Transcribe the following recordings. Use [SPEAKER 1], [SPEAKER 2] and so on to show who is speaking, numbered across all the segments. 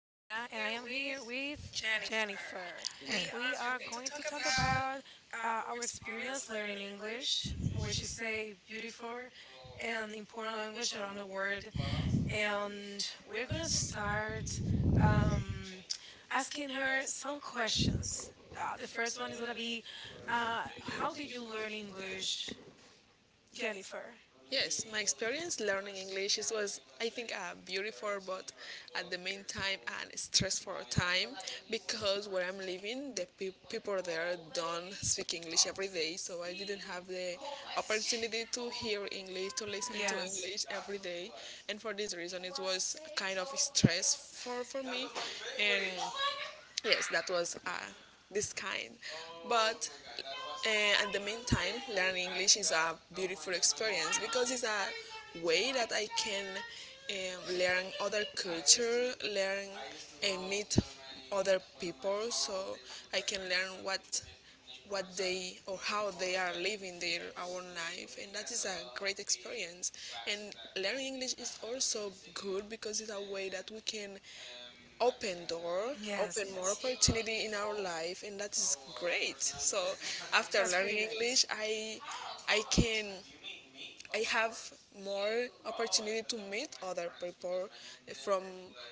[SPEAKER 1] and I am here with Jennifer. We are going to talk about our experience learning English, which is a beautiful and important language around the world. And we're going to start um, asking her some questions. The first one is going to be how did you learn English, Jennifer?
[SPEAKER 2] Yes, my experience learning English was, I think, beautiful, but at the mean time and stressful time because where I'm living, the people there don't speak English every day, so I didn't have the opportunity to hear English, to listen to
[SPEAKER 1] Yes,
[SPEAKER 2] English every day, and for this reason, it was kind of stressful for me, and yes, that was this kind. But at the meantime, learning English is a beautiful experience because it's a way that I can learn other culture, learn and meet other people, so I can learn what they or how they are living their own life, and that is a great experience, and learning English is also good because it's a way that we can open door,
[SPEAKER 1] yes,
[SPEAKER 2] open more
[SPEAKER 1] yes.
[SPEAKER 2] opportunity in our life, and that is great. So after
[SPEAKER 1] That's
[SPEAKER 2] learning
[SPEAKER 1] pretty great.
[SPEAKER 2] English, I can. I have more opportunity to meet other people from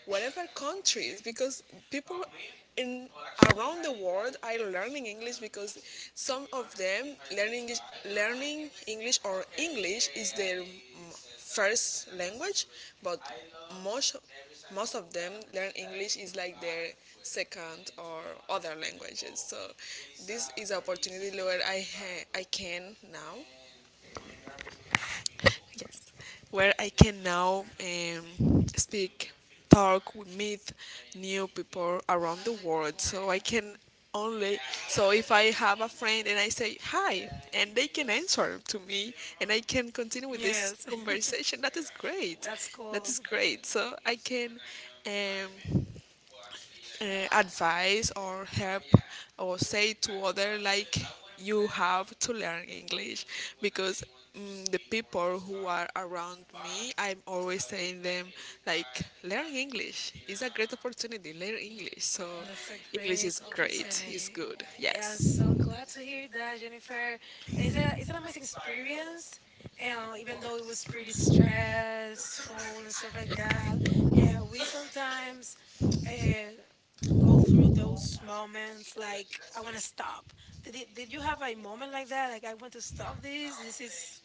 [SPEAKER 2] whatever countries because people in around the world are learning English because some of them learning learning English, or English is their first language, but most most of them learn English is like their second or other languages. So this is opportunity where I I can now yes. Where I can now speak, talk, we meet new people around the world. So I can only, so if I have a friend and I say hi, and they can answer to me, and I can continue with this
[SPEAKER 1] Yes,
[SPEAKER 2] conversation, that is great.
[SPEAKER 1] that's
[SPEAKER 2] That
[SPEAKER 1] cool.
[SPEAKER 2] is great. So I can. Um, advice or help or say to other like you have to learn English because the people who are around me, I'm always saying them like learn English, it's a great opportunity, learn English. So
[SPEAKER 1] That's a
[SPEAKER 2] English
[SPEAKER 1] great
[SPEAKER 2] is great, it's
[SPEAKER 1] opportunity.
[SPEAKER 2] good,
[SPEAKER 1] Yeah, I'm
[SPEAKER 2] yes.
[SPEAKER 1] so glad to hear that, Jennifer. And it's an amazing experience. And even though it was pretty stressful and stuff like that, yeah, we sometimes uh, go through those moments like I want to stop. Did you have a moment like that? Like I want to stop this. This is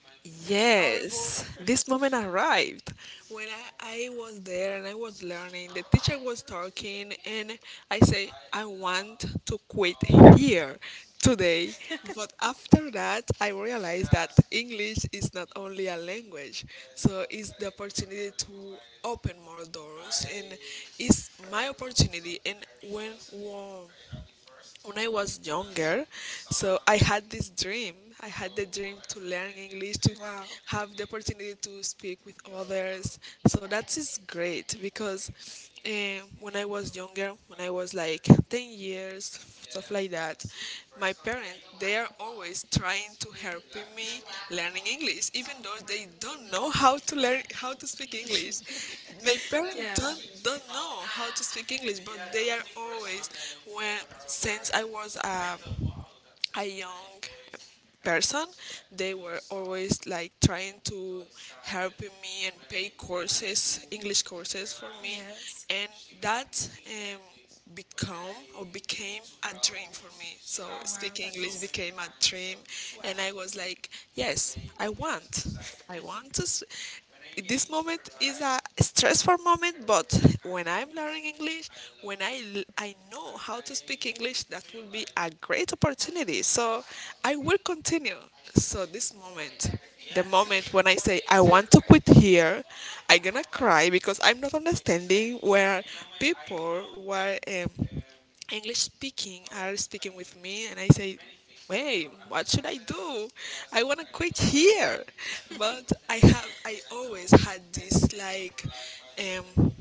[SPEAKER 1] horrible.
[SPEAKER 2] Yes, this moment arrived when I was there and I was learning. The teacher was talking, and I say I want to quit here today. But after that, I realized that English is not only a language, so it's the opportunity to open more doors, and it's my opportunity. And when wow, when I was younger, so I had this dream. I had the dream to learn English, to
[SPEAKER 1] Wow.
[SPEAKER 2] have the opportunity to speak with others. So that is great because when I was younger, when I was like 10 years, stuff like that, that my parents, they are always trying to help me learning English, even though they don't know how to learn how to speak English. My parents
[SPEAKER 1] Yeah.
[SPEAKER 2] don't know how to speak English, but they are always when since I was a young person, they were always like trying to helping me and pay courses, English courses for me,
[SPEAKER 1] Yes.
[SPEAKER 2] and that become or became a dream for me, so
[SPEAKER 1] Wow,
[SPEAKER 2] speaking English
[SPEAKER 1] that's
[SPEAKER 2] became a dream, and
[SPEAKER 1] wow.
[SPEAKER 2] I was like, yes, I want, I want to this moment is a stressful moment, but when I'm learning English, when I I know how to speak English, that will be a great opportunity, so I will continue. So this moment, the moment when I say I want to quit here, I'm gonna cry because I'm not understanding where people were English speaking are speaking with me, and I say, "Wait, what should I do? I want to quit here." But I have, I always had this like, um,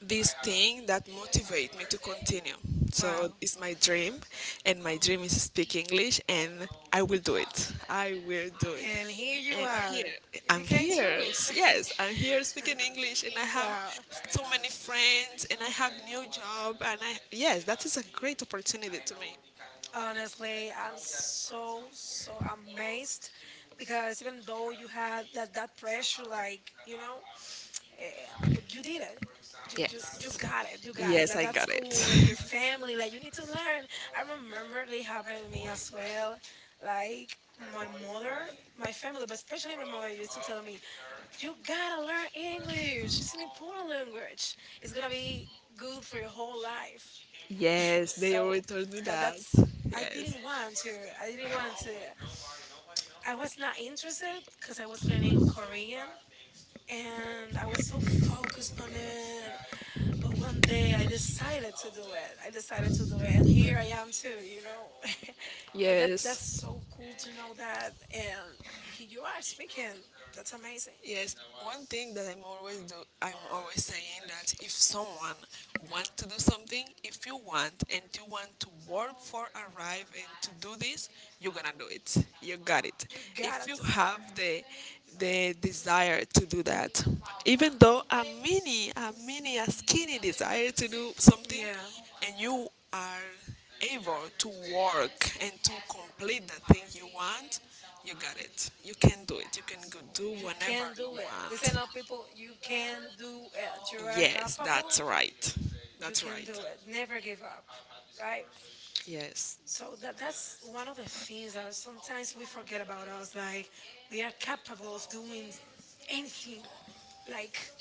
[SPEAKER 2] this thing that motivate me to continue. So
[SPEAKER 1] Wow.
[SPEAKER 2] it's my dream, and my dream is speak English, and I will do it. I will do it.
[SPEAKER 1] And here you
[SPEAKER 2] And
[SPEAKER 1] are.
[SPEAKER 2] here,
[SPEAKER 1] It
[SPEAKER 2] I'm
[SPEAKER 1] became
[SPEAKER 2] here.
[SPEAKER 1] true.
[SPEAKER 2] Yes, I'm here speaking English, and I have
[SPEAKER 1] Wow.
[SPEAKER 2] so many friends, and I have new job, and I yes, that is a great opportunity to me.
[SPEAKER 1] Honestly, I'm so so amazed because even though you had that pressure, like you know, eh, but you did it.
[SPEAKER 2] Yeah.
[SPEAKER 1] You got it. You got it. Like, that's cool. And your family, like you need to learn. I remember it happening to me as well. Like my mother, my family, but especially my mother used to tell me, "You gotta learn English. It's an important language. It's gonna be good for your whole life."
[SPEAKER 2] Yes, they so
[SPEAKER 1] So
[SPEAKER 2] always told me
[SPEAKER 1] that
[SPEAKER 2] that. I
[SPEAKER 1] that's I
[SPEAKER 2] yes.
[SPEAKER 1] didn't
[SPEAKER 2] Didn't want
[SPEAKER 1] want to. I didn't want to. I was not interested because I was learning Korean and I was so focused on it. But one day I decided to do it. I decided to do it, and here I am too. You know, but that's
[SPEAKER 2] yes.
[SPEAKER 1] so cool to know that. And here you are speaking. That's amazing.
[SPEAKER 2] Yes, one thing that I'm always do, I'm always saying that if someone wants to do something, if you want and you want to work for arrive and to do this, you're gonna do it. You got it.
[SPEAKER 1] You
[SPEAKER 2] If
[SPEAKER 1] gotta
[SPEAKER 2] you
[SPEAKER 1] do it.
[SPEAKER 2] have the desire to do that, even though a skinny desire to do something,
[SPEAKER 1] Yeah.
[SPEAKER 2] and you are able to work and to complete the thing you want, you got it. You can do it. You can go do you
[SPEAKER 1] You can
[SPEAKER 2] whenever you
[SPEAKER 1] do it. Listen
[SPEAKER 2] want.
[SPEAKER 1] up, people. You can do it. You are
[SPEAKER 2] Yes,
[SPEAKER 1] capable.
[SPEAKER 2] that's right.
[SPEAKER 1] You
[SPEAKER 2] That's
[SPEAKER 1] can do
[SPEAKER 2] right.
[SPEAKER 1] it. Never give up, right?
[SPEAKER 2] Yes.
[SPEAKER 1] So that's one of the things that sometimes we forget about us. Like we are capable of doing anything. Like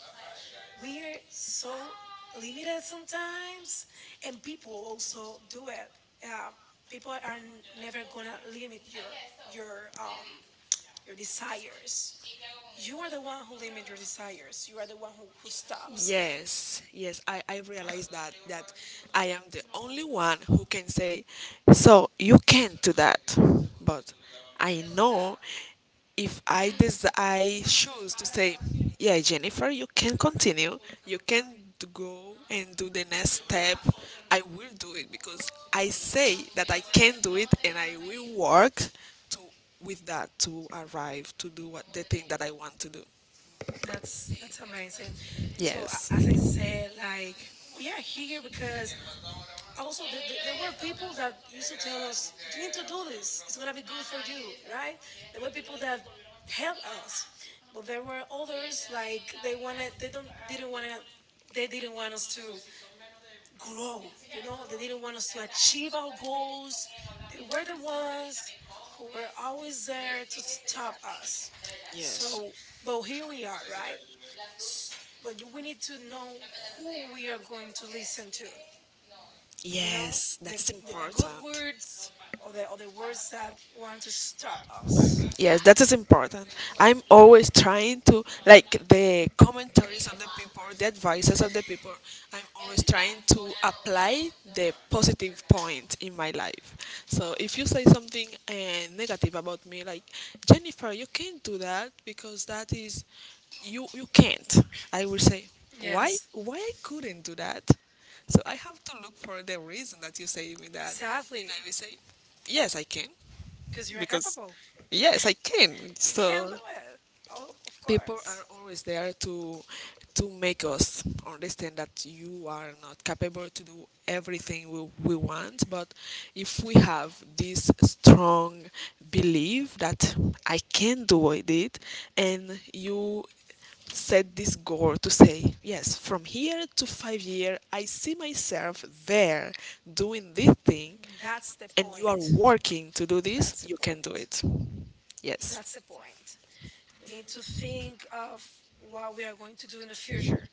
[SPEAKER 1] we are so limited sometimes, and people also do it. Um, People are never gonna limit your um your desires. You are the one who limit your desires. You are the one who stops.
[SPEAKER 2] Yes, yes, I realize that that I am the only one who can say, so you can't do that. But I know if I I choose to say, yeah, Jennifer, you can continue. You can go and do the next step. I will do it because I say that I can do it, and I will work to with that to arrive to do what the thing that I want to do.
[SPEAKER 1] That's amazing. So as I said, like we are here because also there were people that used to tell us, "You need to do this. It's gonna be good for you," right? There were people that helped us, but there were others like they don't, didn't want to, they didn't want us to grow. You know, they didn't want us to achieve our goals. They were the ones who were always there to stop us.
[SPEAKER 2] Yes.
[SPEAKER 1] So, but here we are, right? S- But we need to know who we are going to listen to. You know,
[SPEAKER 2] Yes, like
[SPEAKER 1] the,
[SPEAKER 2] that's
[SPEAKER 1] the
[SPEAKER 2] important.
[SPEAKER 1] good words or the words that want to stop us.
[SPEAKER 2] Yes, that is important. I'm always trying to like the commentaries of the people, the advices of the people. I'm always trying to apply the positive point in my life. So if you say something negative about me, like Jennifer, you can't do that because that is you can't. I will say why yes.
[SPEAKER 1] Yes.
[SPEAKER 2] Why I couldn't do that, so I have to look for the reason that you say me that. And
[SPEAKER 1] Exactly,
[SPEAKER 2] I will say, yes, I can,
[SPEAKER 1] because you're
[SPEAKER 2] because
[SPEAKER 1] capable.
[SPEAKER 2] adorable. Yes, I can.
[SPEAKER 1] You can
[SPEAKER 2] So
[SPEAKER 1] do it. Oh, of
[SPEAKER 2] people are
[SPEAKER 1] course.
[SPEAKER 2] always there to make us understand that you are not capable to do everything we want, but if we have this strong belief that I can do it, and you set this goal to say yes from here to 5 year I see myself there doing this thing,
[SPEAKER 1] That's the
[SPEAKER 2] and you are
[SPEAKER 1] point.
[SPEAKER 2] working to do
[SPEAKER 1] That's
[SPEAKER 2] this,
[SPEAKER 1] the
[SPEAKER 2] you can do
[SPEAKER 1] point.
[SPEAKER 2] it.
[SPEAKER 1] That's
[SPEAKER 2] Yes.
[SPEAKER 1] the point. We need to think of what we are going to do in the future.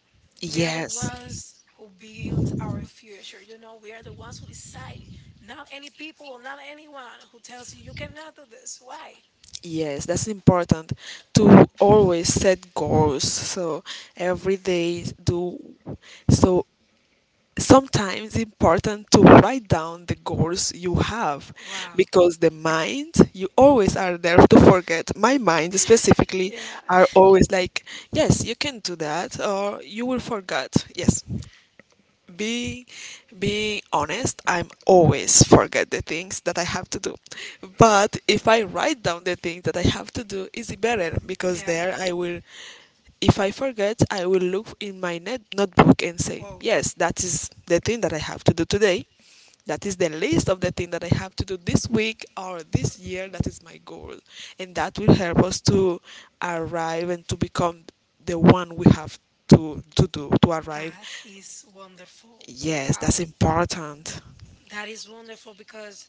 [SPEAKER 1] We are the ones
[SPEAKER 2] Yes.
[SPEAKER 1] who build our future. You know, we are the ones who decide. Not any people, not anyone who tells you you cannot do this. Why?
[SPEAKER 2] Yes, that's important to always set goals. So every day do so sometimes important to write down the goals you have
[SPEAKER 1] Wow.
[SPEAKER 2] because the mind you always are there to forget. My mind specifically
[SPEAKER 1] Yeah.
[SPEAKER 2] are always like, yes, you can do that or you will forget. Yes, be being honest, I'm always forget the things that I have to do, but if I write down the things that I have to do it's better because
[SPEAKER 1] Yeah.
[SPEAKER 2] there I will if I forget I will look in my notebook and say
[SPEAKER 1] Whoa.
[SPEAKER 2] yes that is the thing that I have to do today, that is the list of the thing that I have to do this week or this year. That is my goal. And that will help us to arrive and to become the one we have to do, to arrive.
[SPEAKER 1] That is wonderful.
[SPEAKER 2] Yes, that's
[SPEAKER 1] Wow.
[SPEAKER 2] important.
[SPEAKER 1] That is wonderful because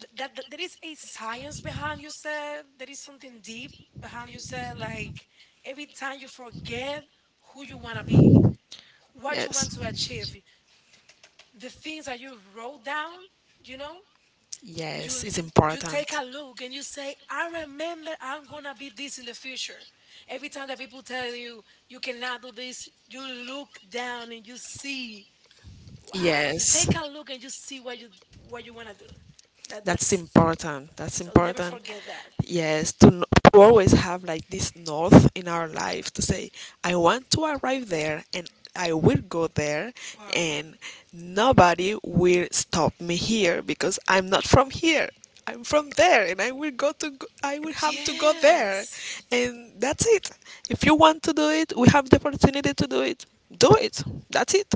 [SPEAKER 1] that there is a science behind you said, there is something deep behind you said, like every time you forget who you want to be, what you want
[SPEAKER 2] Yes.
[SPEAKER 1] to achieve, the things that you wrote down, you know, you
[SPEAKER 2] Yes, it's
[SPEAKER 1] you
[SPEAKER 2] important.
[SPEAKER 1] take a look and you say, I remember, I'm gonna be this in the future. Every time that people tell you you cannot do this, you look down and you see, wow, you
[SPEAKER 2] Yes.
[SPEAKER 1] take a look and you see what you want to do. That's
[SPEAKER 2] Important. That's so never
[SPEAKER 1] so never
[SPEAKER 2] important.
[SPEAKER 1] forget that.
[SPEAKER 2] That. Yes, to, to always have like this north in our life to say, I want to arrive there and I will go there,
[SPEAKER 1] Wow.
[SPEAKER 2] and nobody will stop me here because I'm not from here. I'm from there, and I will go to go, I will have to go there.
[SPEAKER 1] Yes,
[SPEAKER 2] Yes. And that's it. If you want to do it, we have the opportunity to do it. Do it. That's it.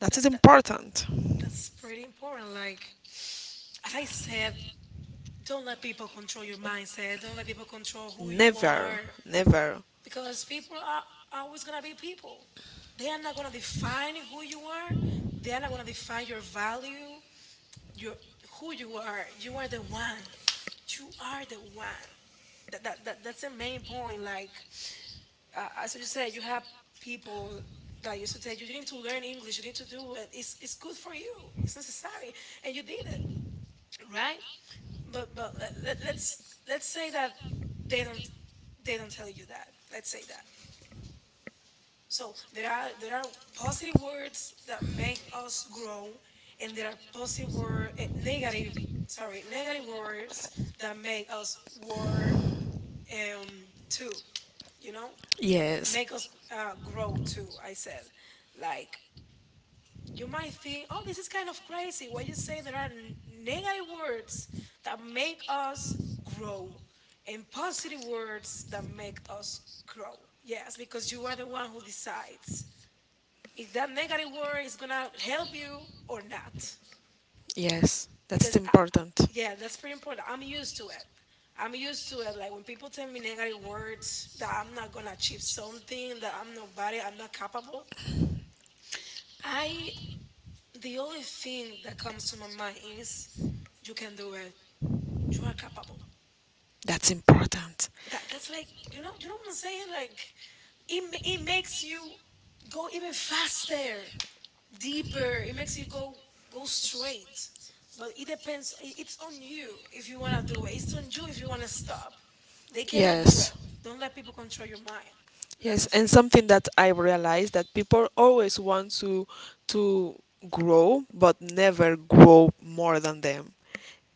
[SPEAKER 2] That
[SPEAKER 1] that,
[SPEAKER 2] is
[SPEAKER 1] that
[SPEAKER 2] important.
[SPEAKER 1] that's pretty important, like as I said, don't let people control your mindset. Don't let people control who you
[SPEAKER 2] Never,
[SPEAKER 1] are
[SPEAKER 2] never.
[SPEAKER 1] because people are always going to be people. They are not going to define who you are. They are not going to define your value, your who you are. You are the one. You are the one. That's the main point. Like as you said, you have people that used to tell you you need to learn English. You need to do it. It's good for you. It's necessary, and you did it, right. But let, let, Let's say that they don't they don't tell you that. Let's say that. So there are positive words that make us grow, and there are positive word eh, negative sorry negative words that make us work too. You know,
[SPEAKER 2] Yes,
[SPEAKER 1] make us grow too. I said, like, you might think, oh, this is kind of crazy. What you say, there are negative words that make us grow and positive words that make us grow. Yes, because you are the one who decides if that negative word is going to help you or not.
[SPEAKER 2] yes, that's because
[SPEAKER 1] Because,
[SPEAKER 2] I,
[SPEAKER 1] I,
[SPEAKER 2] important.
[SPEAKER 1] yeah, that's pretty important. I'm used to it. I'm used to it. Like when people tell me negative words that I'm not going to achieve something, that I'm nobody, I'm not capable. I, the only thing that comes to my mind is you can do it. You are capable.
[SPEAKER 2] That's important.
[SPEAKER 1] That's like, you know, you know what I'm saying. Like it makes you go even faster, deeper. It makes you go go straight. But it depends. It's on you if you wanna do it. It's on you if you wanna stop. They cannot do
[SPEAKER 2] Yes,
[SPEAKER 1] it. Don't let people control your mind. That's
[SPEAKER 2] yes,
[SPEAKER 1] the
[SPEAKER 2] and
[SPEAKER 1] thing.
[SPEAKER 2] something that I realized that people always want to grow, but never grow more than them.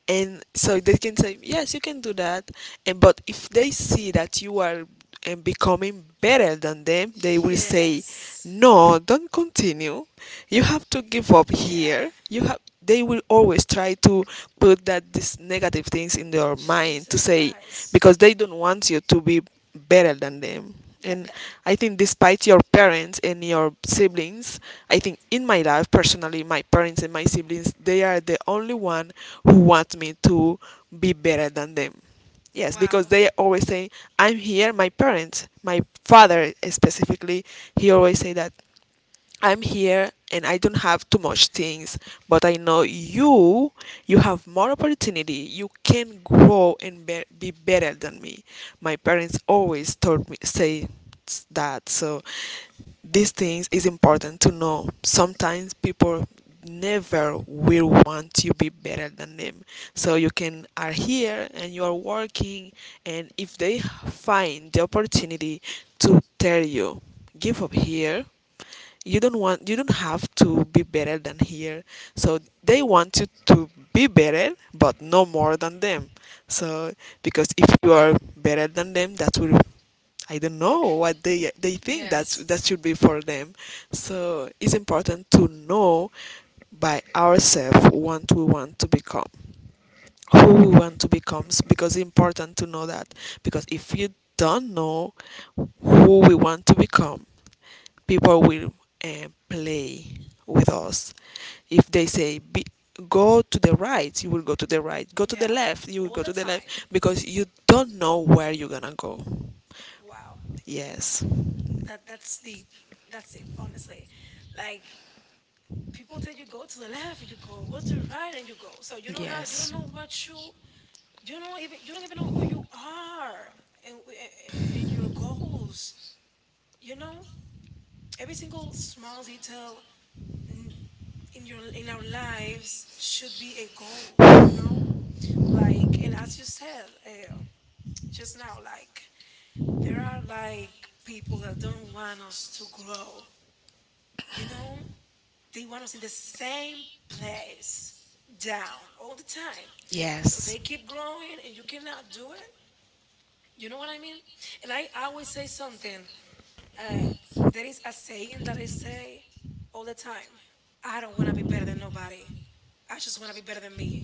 [SPEAKER 2] And so they can say yes you can do that, and but if they see that you are and becoming better than them they will say
[SPEAKER 1] Yes.
[SPEAKER 2] no don't continue you have to give up
[SPEAKER 1] Yeah.
[SPEAKER 2] here, you have they will always try to put that these negative things in their mind to
[SPEAKER 1] Jesus
[SPEAKER 2] say
[SPEAKER 1] Christ.
[SPEAKER 2] because they don't want you to be better than them,
[SPEAKER 1] That
[SPEAKER 2] and
[SPEAKER 1] that.
[SPEAKER 2] I think, despite your parents and your siblings, I think in my life personally, my parents and my siblings, they are the only one who want me to be better than them. Yes, because
[SPEAKER 1] Wow.
[SPEAKER 2] they always say, "I'm here." My parents, my father specifically, he always say that I'm here and I don't have too much things, but I know you, you have more opportunity. You can grow and be better than me. My parents always told me say that. So these things is important to know. Sometimes people never will want you be better than them. So you can are here and you are working, and if they find the opportunity to tell you give up here you don't want you don't have to be better than here so they want you to be better but no more than them so because if you are better than them that will I don't know what they think that's
[SPEAKER 1] Yes.
[SPEAKER 2] that should be for them, so it's important to know by ourselves what we want to become, who we want to become because it's important to know that, because if you don't know who we want to become people will play with us. If they say be, go to the right, you will go to the right. Go to the
[SPEAKER 1] Yeah.
[SPEAKER 2] left, you will
[SPEAKER 1] All
[SPEAKER 2] go
[SPEAKER 1] the
[SPEAKER 2] to the left
[SPEAKER 1] time.
[SPEAKER 2] because you don't know where you're gonna go.
[SPEAKER 1] Wow.
[SPEAKER 2] Yes.
[SPEAKER 1] That's deep. That's deep, honestly. Like people tell you go to the left and you go, go to the right and you go. So you don't
[SPEAKER 2] Yes.
[SPEAKER 1] know what you you don't even know who you are and your goals. You know, every single small detail n- in your in our lives should be a goal. You know, like and as you said, just now, like there are like people that don't want us to grow. You know, they want us in the same place down all the time. So they
[SPEAKER 2] Yes.
[SPEAKER 1] keep growing and you cannot do it. You know what I mean? And I always say something. Uh, there is a saying that I say all the time. I don't want to be better than nobody. I just want to be better than me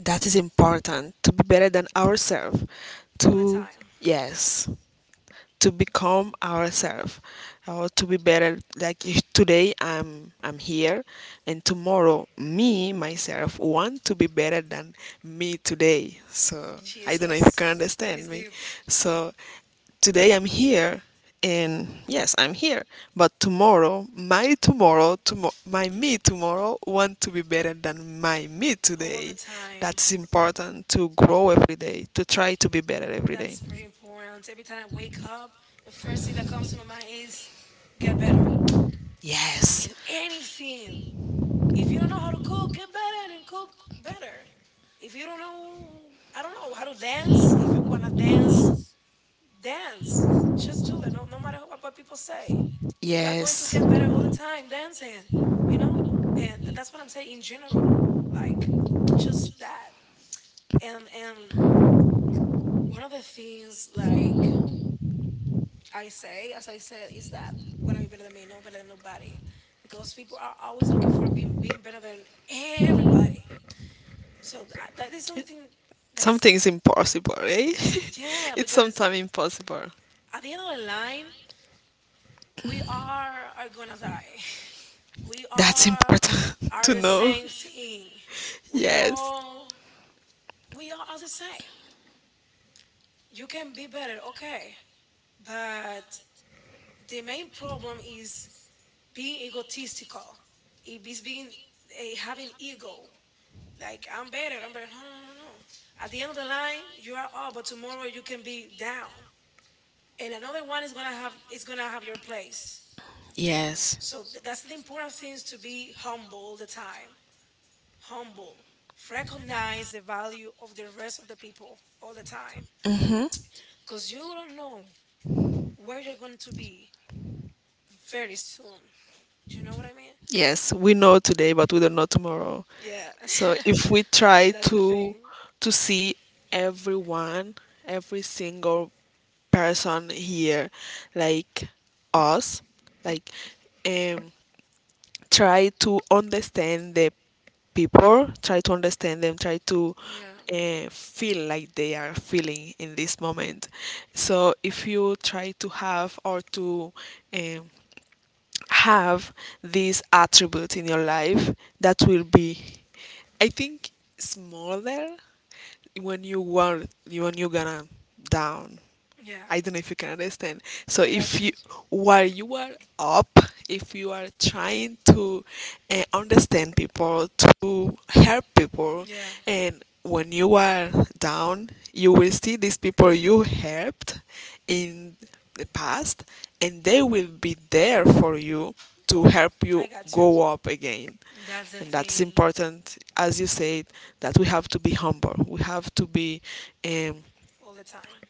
[SPEAKER 2] That is important to be better than ourselves.
[SPEAKER 1] all the
[SPEAKER 2] To
[SPEAKER 1] time.
[SPEAKER 2] yes. To become ourselves, or to be better. Like if today I'm here and tomorrow me myself want to be better than me today, so I don't know if you
[SPEAKER 1] Jesus.
[SPEAKER 2] can
[SPEAKER 1] That
[SPEAKER 2] understand
[SPEAKER 1] is
[SPEAKER 2] me.
[SPEAKER 1] deep.
[SPEAKER 2] So today I'm here, and yes, I'm here. But tomorrow, my tomorrow, my me tomorrow, want to be better than my me
[SPEAKER 1] All the
[SPEAKER 2] today.
[SPEAKER 1] time.
[SPEAKER 2] That's important, to grow every day, to
[SPEAKER 1] Eh,
[SPEAKER 2] try to be better every day.
[SPEAKER 1] That's pretty important. Every time I wake up, the first thing that comes to my mind is get better.
[SPEAKER 2] Yes,
[SPEAKER 1] And anything, if you don't know how to cook, get better and cook better. If you don't know, I don't know how to dance. If you wanna dance, dance. Just do it. No, No matter what people say, you are going to
[SPEAKER 2] yes.
[SPEAKER 1] get better all the time dancing. You know, and that's what I'm saying in general. Like, just that. And one of the things, like I say, as I said, is that wanna be better than me, no better than nobody, because people are always looking for being better than everybody. So that is something that is,
[SPEAKER 2] Something is impossible, eh?
[SPEAKER 1] yeah,
[SPEAKER 2] It's
[SPEAKER 1] because
[SPEAKER 2] sometimes impossible.
[SPEAKER 1] at the end of the line, we are gonna die. We
[SPEAKER 2] That's important
[SPEAKER 1] are
[SPEAKER 2] to
[SPEAKER 1] the
[SPEAKER 2] know.
[SPEAKER 1] same thing. We
[SPEAKER 2] Yes.
[SPEAKER 1] all we are the same. You can be better, okay, but the main problem is being egotistical. It is being, having ego. Like I'm better. I'm better. No, no, no, no. no. At the end of the line, you are up, but tomorrow you can be down. And another one is gonna have your place.
[SPEAKER 2] Yes.
[SPEAKER 1] So that's the important things to be humble all the time. Humble. Recognize the value of the rest of the people all the time. Cause you don't know where you're going to be very soon. Do you know what I mean?
[SPEAKER 2] Yes. We know today, but we don't know tomorrow.
[SPEAKER 1] Yeah.
[SPEAKER 2] So if we try
[SPEAKER 1] That's the
[SPEAKER 2] to
[SPEAKER 1] thing.
[SPEAKER 2] to see everyone, every single person here, like us, like um try to understand the people, try to understand them, try to
[SPEAKER 1] Yeah.
[SPEAKER 2] feel like they are feeling in this moment. So if you try to have or to um, have this attribute in your life, that will be, I think, smaller when you were when you gonna down.
[SPEAKER 1] Yeah.
[SPEAKER 2] I don't know if you can understand. So
[SPEAKER 1] I got
[SPEAKER 2] if
[SPEAKER 1] to.
[SPEAKER 2] you, while you are up, if you are trying to understand people, to help people,
[SPEAKER 1] Yeah.
[SPEAKER 2] and when you are down, you will see these people you helped in the past, and they will be there for you to
[SPEAKER 1] Oh,
[SPEAKER 2] help you
[SPEAKER 1] I got to.
[SPEAKER 2] go up again.
[SPEAKER 1] That's the
[SPEAKER 2] And that's
[SPEAKER 1] thing
[SPEAKER 2] important, as you said, that we have to be humble. We have to be, um,
[SPEAKER 1] all the time.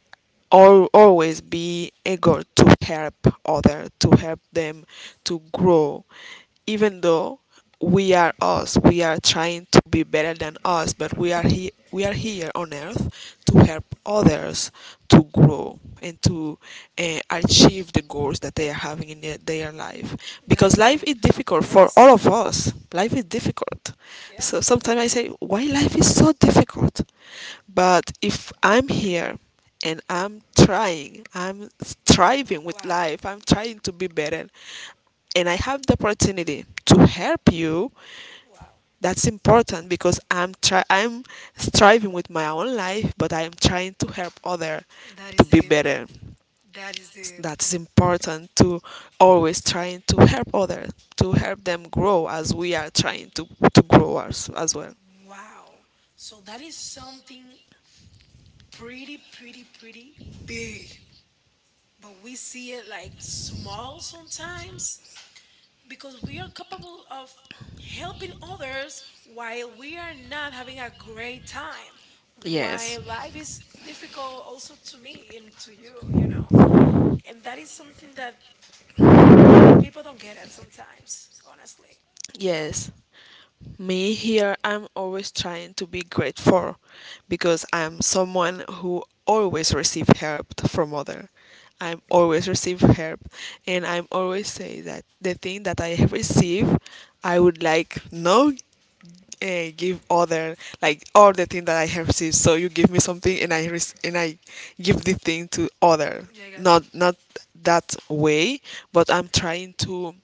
[SPEAKER 2] or always be eager to help other, to help them to grow, even though we are us. We are trying to be better than us, but we are here. We are here on earth to help others to grow and to achieve the goals that they are having in their life.
[SPEAKER 1] That
[SPEAKER 2] Because
[SPEAKER 1] is
[SPEAKER 2] life
[SPEAKER 1] deep.
[SPEAKER 2] is difficult for all
[SPEAKER 1] Yes.
[SPEAKER 2] of us. Life is difficult.
[SPEAKER 1] Yeah.
[SPEAKER 2] So sometimes I say, why life is so difficult? But if I'm here and I'm trying, I'm striving with
[SPEAKER 1] Wow.
[SPEAKER 2] life, I'm trying to be better, and I have the opportunity to help you,
[SPEAKER 1] Wow.
[SPEAKER 2] that's important, because I'm striving with my own life, but I'm trying to help other
[SPEAKER 1] That
[SPEAKER 2] to
[SPEAKER 1] is
[SPEAKER 2] be
[SPEAKER 1] deep.
[SPEAKER 2] better.
[SPEAKER 1] That is deep.
[SPEAKER 2] That's important, to always trying to help other, to help them grow as we are trying to grow us as well.
[SPEAKER 1] Wow. So that is something pretty, pretty, pretty big. But we see it like small sometimes because we are capable of helping others while we are not having a great time.
[SPEAKER 2] Yes.
[SPEAKER 1] While life is difficult also to me and to you, you know? And that is something that people people don't get it sometimes, honestly. You know?
[SPEAKER 2] Yes, me here, I'm always trying to be grateful because I'm someone who always receive help from other. I'm always receive help, and I'm always say that the thing that I receive, I would like no give other like all the thing that I have received. So you give me something and I give the thing to other.
[SPEAKER 1] Yeah, I got you.
[SPEAKER 2] Not that way, but I'm trying to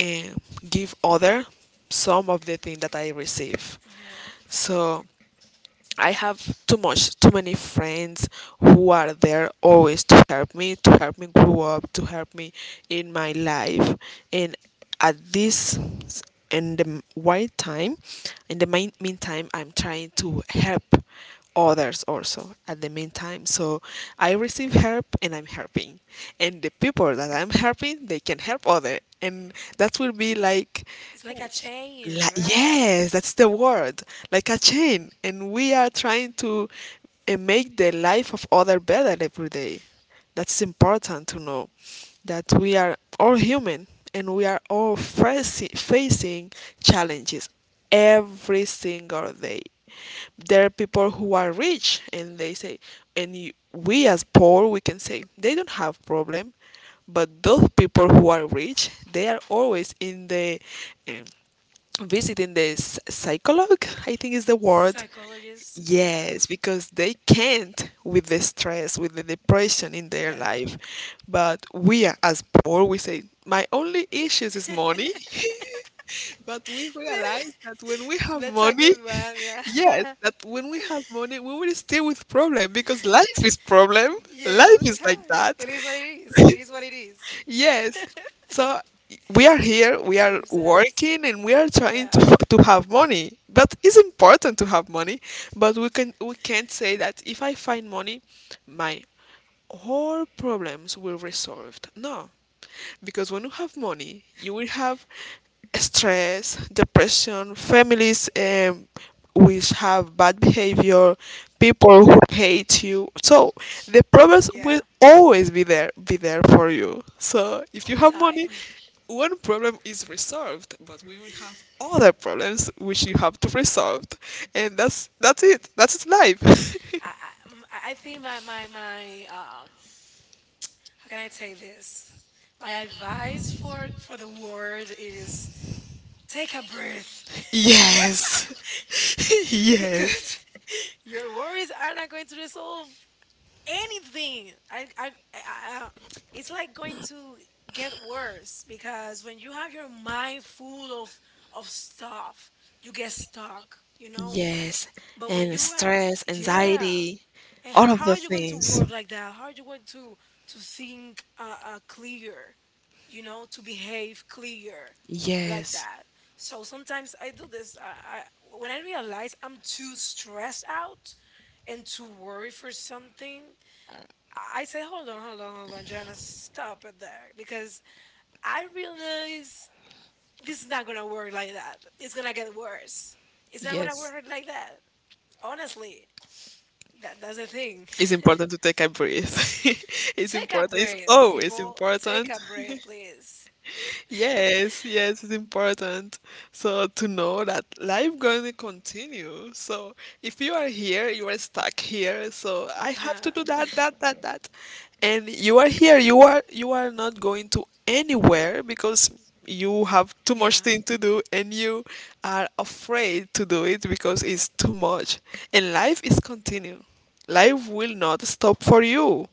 [SPEAKER 2] um, give other some of the thing that I receive.
[SPEAKER 1] Yeah.
[SPEAKER 2] So I have too much, too many friends who are there always to help me grow up, to help me in my life. And at this, in the right time, in the meantime, I'm trying to help others also at the meantime. So I receive help and I'm helping. And the people that I'm helping, they can help other, and that will be like
[SPEAKER 1] It's like a chain, right?
[SPEAKER 2] Yes, that's the word. Like a chain. And we are trying to make the life of other better every day. That's important to know that we are all human and we are all facing challenges every single day. There are people who are rich and they say, and you, we as poor, we can say, they don't have problem, but those people who are rich, they are always in the eh, visiting the psychologue, I think is the word.
[SPEAKER 1] Psychologist, yeah,
[SPEAKER 2] Yes, because they can't with the stress, with the depression in their
[SPEAKER 1] yeah.
[SPEAKER 2] life. But we are as poor, we say, my only issues is money. But we realize that when we have
[SPEAKER 1] That's a
[SPEAKER 2] money,
[SPEAKER 1] good one,
[SPEAKER 2] yes,
[SPEAKER 1] yeah.
[SPEAKER 2] that when we have money, we will stay with problem because life is problem.
[SPEAKER 1] Yeah, all
[SPEAKER 2] Life
[SPEAKER 1] the
[SPEAKER 2] is like
[SPEAKER 1] time.
[SPEAKER 2] that.
[SPEAKER 1] It is what it is. It is what it is.
[SPEAKER 2] Yes. So we are here, we are
[SPEAKER 1] Jesus,
[SPEAKER 2] working and we are trying
[SPEAKER 1] yeah,
[SPEAKER 2] to have money. But it's important to have money, but we can't say that if I find money, my all problems will resolved. No, because when you have money, you will have stress, depression, families which have bad behavior, people who hate you. So the problems
[SPEAKER 1] yeah,
[SPEAKER 2] will always be there for you. So if
[SPEAKER 1] all
[SPEAKER 2] you
[SPEAKER 1] the
[SPEAKER 2] have money,
[SPEAKER 1] time.
[SPEAKER 2] one problem is resolved, but we will have other problems which you have to resolve, and that's it. That's life.
[SPEAKER 1] I, I, m- I think my how can I say this? My advice for the world is take a breath.
[SPEAKER 2] Yes. Yes.
[SPEAKER 1] Because your worries are not going to resolve anything. It's like going to get worse because when you have your mind full of stuff, you get stuck, you know.
[SPEAKER 2] Yes.
[SPEAKER 1] But when
[SPEAKER 2] And
[SPEAKER 1] you are,
[SPEAKER 2] stress,
[SPEAKER 1] yeah,
[SPEAKER 2] anxiety,
[SPEAKER 1] and
[SPEAKER 2] all of
[SPEAKER 1] how
[SPEAKER 2] the
[SPEAKER 1] are you going to
[SPEAKER 2] things.
[SPEAKER 1] work like that? How are you going to think clear? You know, to behave clear like
[SPEAKER 2] Yes.
[SPEAKER 1] that. So sometimes I do this. I, when I realize I'm too stressed out and too worried for something, I say, hold on, hold on, hold on, Jana, stop it there because I realize this is not gonna work like that. It's gonna get worse. It's not gonna
[SPEAKER 2] Yes.
[SPEAKER 1] work like that. Honestly, that's the thing.
[SPEAKER 2] It's important to take a breath. It's
[SPEAKER 1] Take a
[SPEAKER 2] important. It's
[SPEAKER 1] breath,
[SPEAKER 2] always
[SPEAKER 1] people. Take
[SPEAKER 2] important.
[SPEAKER 1] a breath, please.
[SPEAKER 2] Yes, yes, it's important. So to know that life gonna continue. So if you are here, you are stuck here. So I have to do
[SPEAKER 1] Yeah.
[SPEAKER 2] that, that, that, that. And you are here. You are not going to anywhere because you have too much
[SPEAKER 1] Yeah.
[SPEAKER 2] thing to do, and you are afraid to do it because it's too much. And life is continue. Life will not stop for you.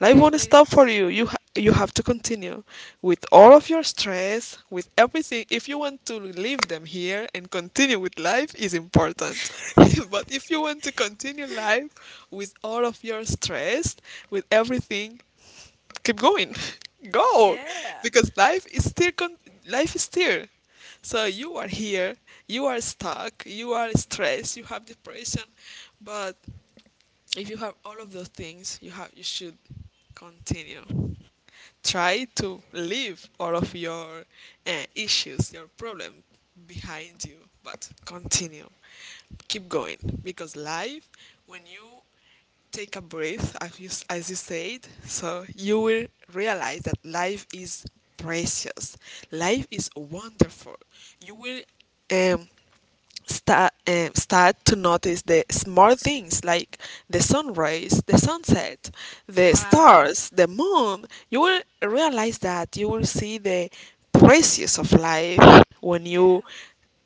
[SPEAKER 2] Life
[SPEAKER 1] It is what
[SPEAKER 2] won't
[SPEAKER 1] it
[SPEAKER 2] stop for
[SPEAKER 1] is.
[SPEAKER 2] you. You have to continue with all of your stress, with everything. If you want to leave them here and continue with life, is important. But if you want to continue life with all of your stress, with everything, keep going, go,
[SPEAKER 1] Yeah.
[SPEAKER 2] because life is still. So you are here, you are stuck, you are stressed, you have depression, but if you have all of those things, you should continue. Try to leave all of your issues, your problem behind you, but continue. Keep going, because life, when you take a breath, as you said, so you will realize that life is precious. Life is wonderful. You will um, start to notice the small things, like the sun rays, the sunset, the
[SPEAKER 1] Wow.
[SPEAKER 2] stars, the moon. You will realize that you will see the precious of life when you
[SPEAKER 1] Yeah.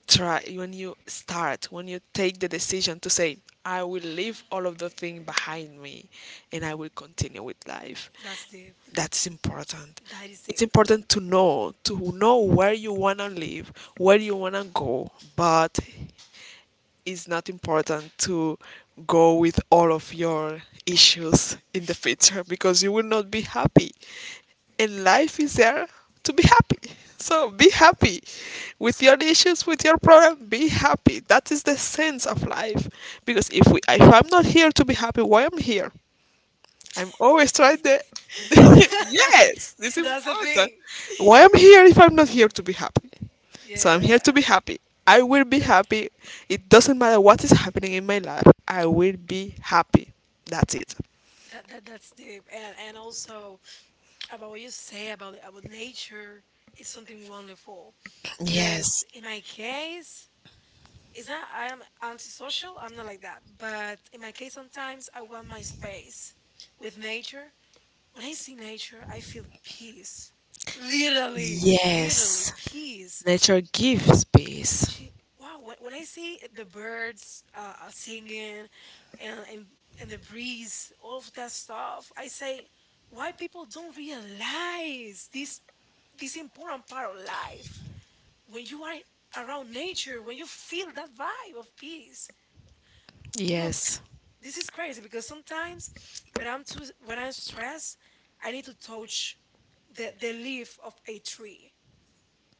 [SPEAKER 2] try when you start when you take the decision to say I will leave all of the thing behind me and I will continue with life.
[SPEAKER 1] That's deep.
[SPEAKER 2] That's important.
[SPEAKER 1] That is
[SPEAKER 2] It's
[SPEAKER 1] deep.
[SPEAKER 2] important to know, where you wanna live, where you wanna go, but it's not important to go with all of your issues in the future because you will not be happy. And life is there to be happy. So be happy with your issues, with your problem. Be happy. That is the sense of life. Because if I'm not here to be happy, why I'm here? I'm always trying the yes, it's
[SPEAKER 1] That's the
[SPEAKER 2] important.
[SPEAKER 1] thing.
[SPEAKER 2] Why I'm here if I'm not here to be happy? So I'm
[SPEAKER 1] Yeah.
[SPEAKER 2] here to be happy. I will be happy. It doesn't matter what is happening in my life. I will be happy. That's it.
[SPEAKER 1] That that's deep. And also about what you say about nature, it's something wonderful. Because
[SPEAKER 2] Yes,
[SPEAKER 1] in my case, is that I am antisocial? I'm not like that. But in my case, sometimes I want my space with nature. When I see nature, I feel peace. Literally, literally,
[SPEAKER 2] yes.
[SPEAKER 1] peace.
[SPEAKER 2] Nature gives peace.
[SPEAKER 1] She, wow, when I see the birds singing and, and, and the breeze, all of that stuff, I say, why people don't realize this, this important part of life? When you are around nature, when you feel that vibe of peace, look,
[SPEAKER 2] Yes.
[SPEAKER 1] this is crazy because sometimes when I'm stressed, I need to touch the leaf of a tree,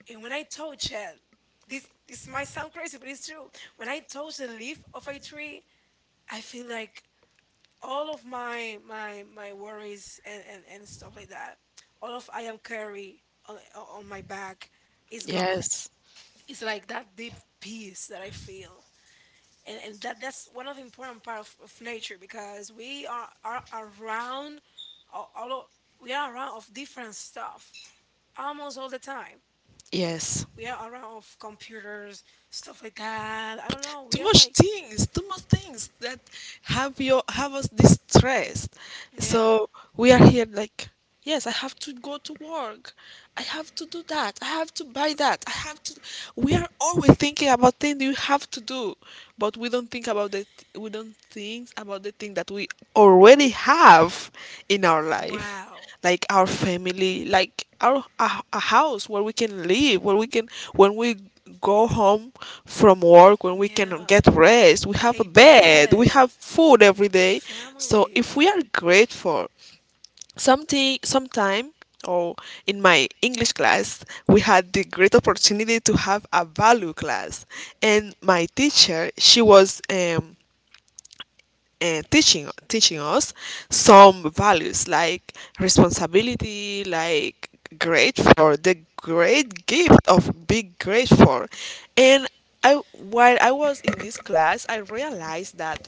[SPEAKER 1] and when I touch it, this might sound crazy, but it's true. When I touch the leaf of a tree, I feel like all of my worries and stuff like that, all of I am carry on my back is gone.
[SPEAKER 2] Yes.
[SPEAKER 1] It's like that deep peace that I feel, and that's one of the important part of nature because we are around all, all o- we are around of different stuff almost all the time.
[SPEAKER 2] Yes.
[SPEAKER 1] We are around of computers, stuff like that. I don't know, we are like,
[SPEAKER 2] Too much things that have us distressed.
[SPEAKER 1] yeah.
[SPEAKER 2] So we are here like, yes, I have to go to work. I have to do that. I have to buy that. I have to. We are always thinking about things you have to do, but we don't think about the thing that we already have in our life,
[SPEAKER 1] Wow.
[SPEAKER 2] like our family, like a house where we can live, where we can when we go home from work, when we can
[SPEAKER 1] Yeah.
[SPEAKER 2] get rest, we have a
[SPEAKER 1] A
[SPEAKER 2] bed, we
[SPEAKER 1] bed,
[SPEAKER 2] have food every day. So if we
[SPEAKER 1] family.
[SPEAKER 2] are grateful, something sometime or in my English class, we had the great opportunity to have a value class, and my teacher, she was and teaching us some values like responsibility, like grateful, the great gift of being grateful. And I while I was in this class, I realized that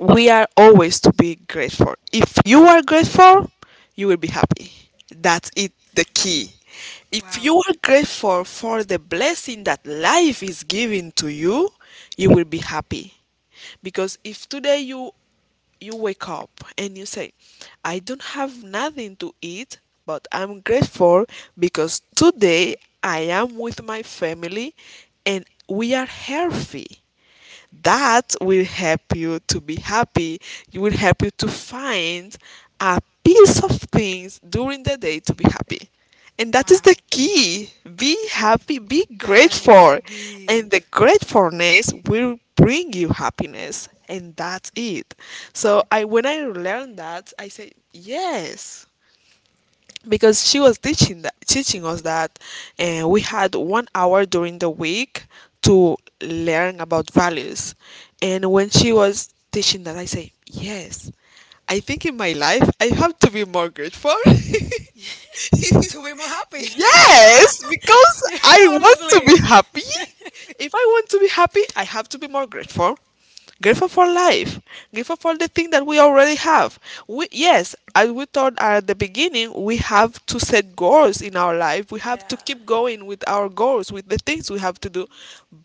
[SPEAKER 2] we are always to be grateful. If you are grateful, you will be happy. That's it, the key. If
[SPEAKER 1] Wow.
[SPEAKER 2] you are grateful for the blessing that life is giving to you, you will be happy. Because if today you wake up and you say, I don't have nothing to eat, but I'm grateful because today I am with my family and we are healthy. That will help you to be happy. It will help you to find a piece of things during the day to be happy. And that is
[SPEAKER 1] Wow.
[SPEAKER 2] the key. Be happy, be
[SPEAKER 1] That is
[SPEAKER 2] grateful.
[SPEAKER 1] deep.
[SPEAKER 2] And the gratefulness will bring you happiness. And that's it. So I when I learned that, I said, yes, because she was teaching us that, and we had one hour during the week to learn about values. And when she was teaching that, I say, yes, I think in my life I have to be more grateful. Yes,
[SPEAKER 1] To be more happy.
[SPEAKER 2] because I want to be
[SPEAKER 1] Honestly.
[SPEAKER 2] happy. If I want to be happy, I have to be more grateful. Grateful for life. Grateful for the thing that we already have. We Yes, as we thought at the beginning, we have to set goals in our life. We have to
[SPEAKER 1] Yeah.
[SPEAKER 2] keep going with our goals, with the things we have to do.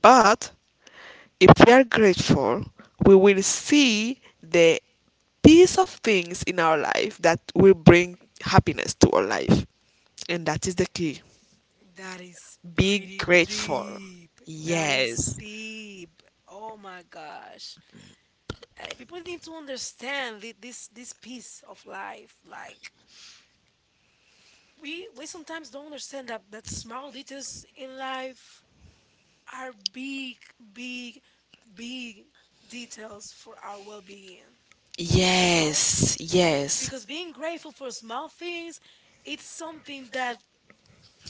[SPEAKER 2] But if we are grateful, we will see the piece of things in our life that will bring happiness to our life. And that is the key.
[SPEAKER 1] That is
[SPEAKER 2] Be
[SPEAKER 1] pretty
[SPEAKER 2] grateful.
[SPEAKER 1] deep. That is
[SPEAKER 2] Yes.
[SPEAKER 1] deep. Oh my gosh. Like, people need to understand this this piece of life. Like we sometimes don't understand that small details in life are big, big, big details for our well-being. You know?
[SPEAKER 2] Yes, yes.
[SPEAKER 1] Because being grateful for small things, it's something that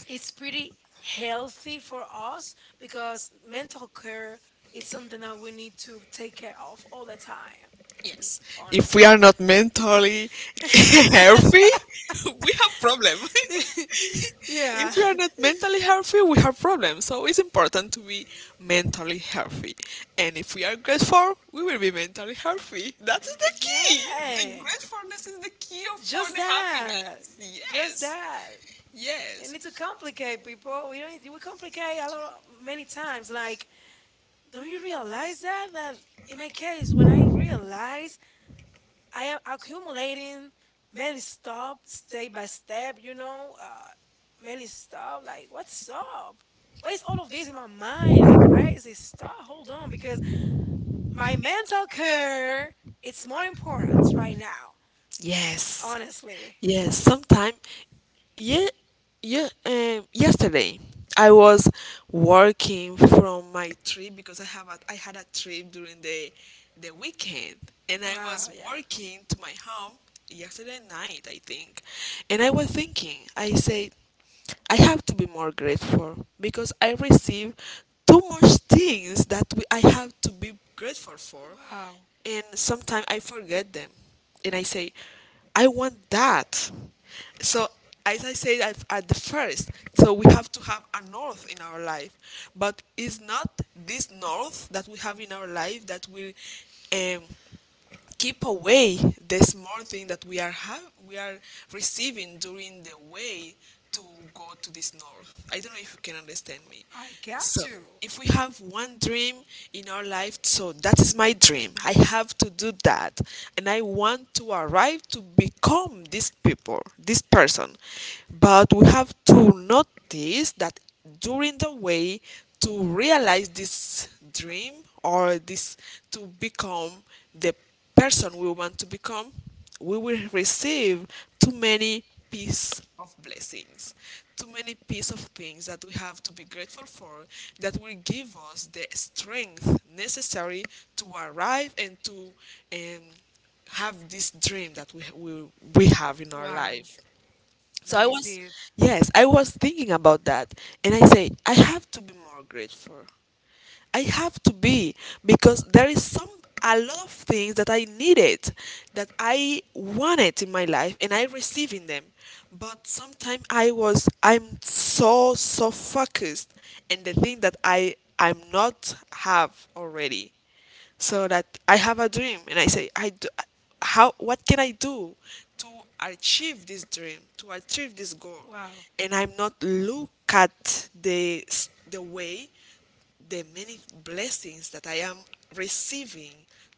[SPEAKER 1] it's pretty healthy for us because mental care is something that we need to take care of all the time,
[SPEAKER 2] Yes. If we are
[SPEAKER 1] honestly.
[SPEAKER 2] not mentally healthy, we have problem.
[SPEAKER 1] Yeah.
[SPEAKER 2] If we are not mentally healthy, we have problems. So it's important to be mentally healthy. And if we are grateful, we will be mentally healthy. That is the key. The
[SPEAKER 1] Yeah.
[SPEAKER 2] gratefulness is the key of for
[SPEAKER 1] Just
[SPEAKER 2] the
[SPEAKER 1] that,
[SPEAKER 2] happiness.
[SPEAKER 1] just
[SPEAKER 2] Yes.
[SPEAKER 1] that. You
[SPEAKER 2] Yes.
[SPEAKER 1] need to complicate,
[SPEAKER 2] Need.
[SPEAKER 1] people, we don't need, we complicate a lot of, many times, like, don't you realize that in my case when I realized I am accumulating many stop, step by step, you know, many stop. Like, what's up? Why is all of this in my mind? Like crazy stuff. Hold on, because my mental care it's more important right now.
[SPEAKER 2] Yes.
[SPEAKER 1] Honestly.
[SPEAKER 2] Yes, sometime. Yeah, yeah, yesterday I was working from my trip because I had a trip during the weekend, and I, wow,
[SPEAKER 1] Wow.
[SPEAKER 2] was
[SPEAKER 1] Yeah.
[SPEAKER 2] working to my home yesterday night, I think. And I was thinking, I said, I have to be more grateful because I receive too much things I have to be grateful for.
[SPEAKER 1] Wow.
[SPEAKER 2] And sometimes I forget them, and I say, I want that. So as I said at the first, so we have to have a north in our life, but it's not this north that we have in our life that will um, keep away the small thing that we are receiving during the way to go to this north. I don't know if you can understand me.
[SPEAKER 1] I
[SPEAKER 2] I
[SPEAKER 1] got
[SPEAKER 2] So
[SPEAKER 1] to.
[SPEAKER 2] if we have one dream in our life, so that is my dream. I have to do that, and I want to arrive to become this people, this person. But we have to notice that during the way to realize this dream, or this, to become the person we want to become, we will receive too many piece of blessings, too many piece of things that we have to be grateful for, that will give us the strength necessary to arrive and to um, have this dream that we have in our
[SPEAKER 1] Wow.
[SPEAKER 2] life. So
[SPEAKER 1] That is deep.
[SPEAKER 2] yes, I was thinking about that. And I say, I have to be more grateful. I have to be, because there is some a lot of things that I needed, that I wanted in my life, and I received in them. But sometimes I'm so focused in the thing that I'm not have already. So that I have a dream and I say, how, what can I do to achieve this dream, to achieve this goal?
[SPEAKER 1] Wow.
[SPEAKER 2] And I'm not look at the way, the many blessings that I am receiving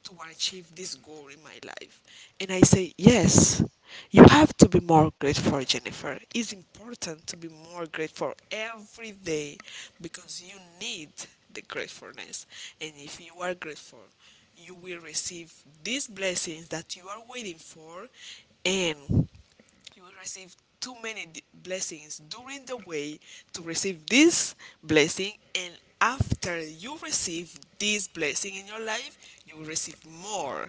[SPEAKER 2] to achieve this goal in my life. And I say, yes, you have to be more grateful, Jennifer. It's important to be more grateful every day because you need the gratefulness. And if you are grateful, you will receive these blessings that you are waiting for. And you will receive too many blessings during the way to receive this blessing, and after you receive this blessing in your life, you will receive more.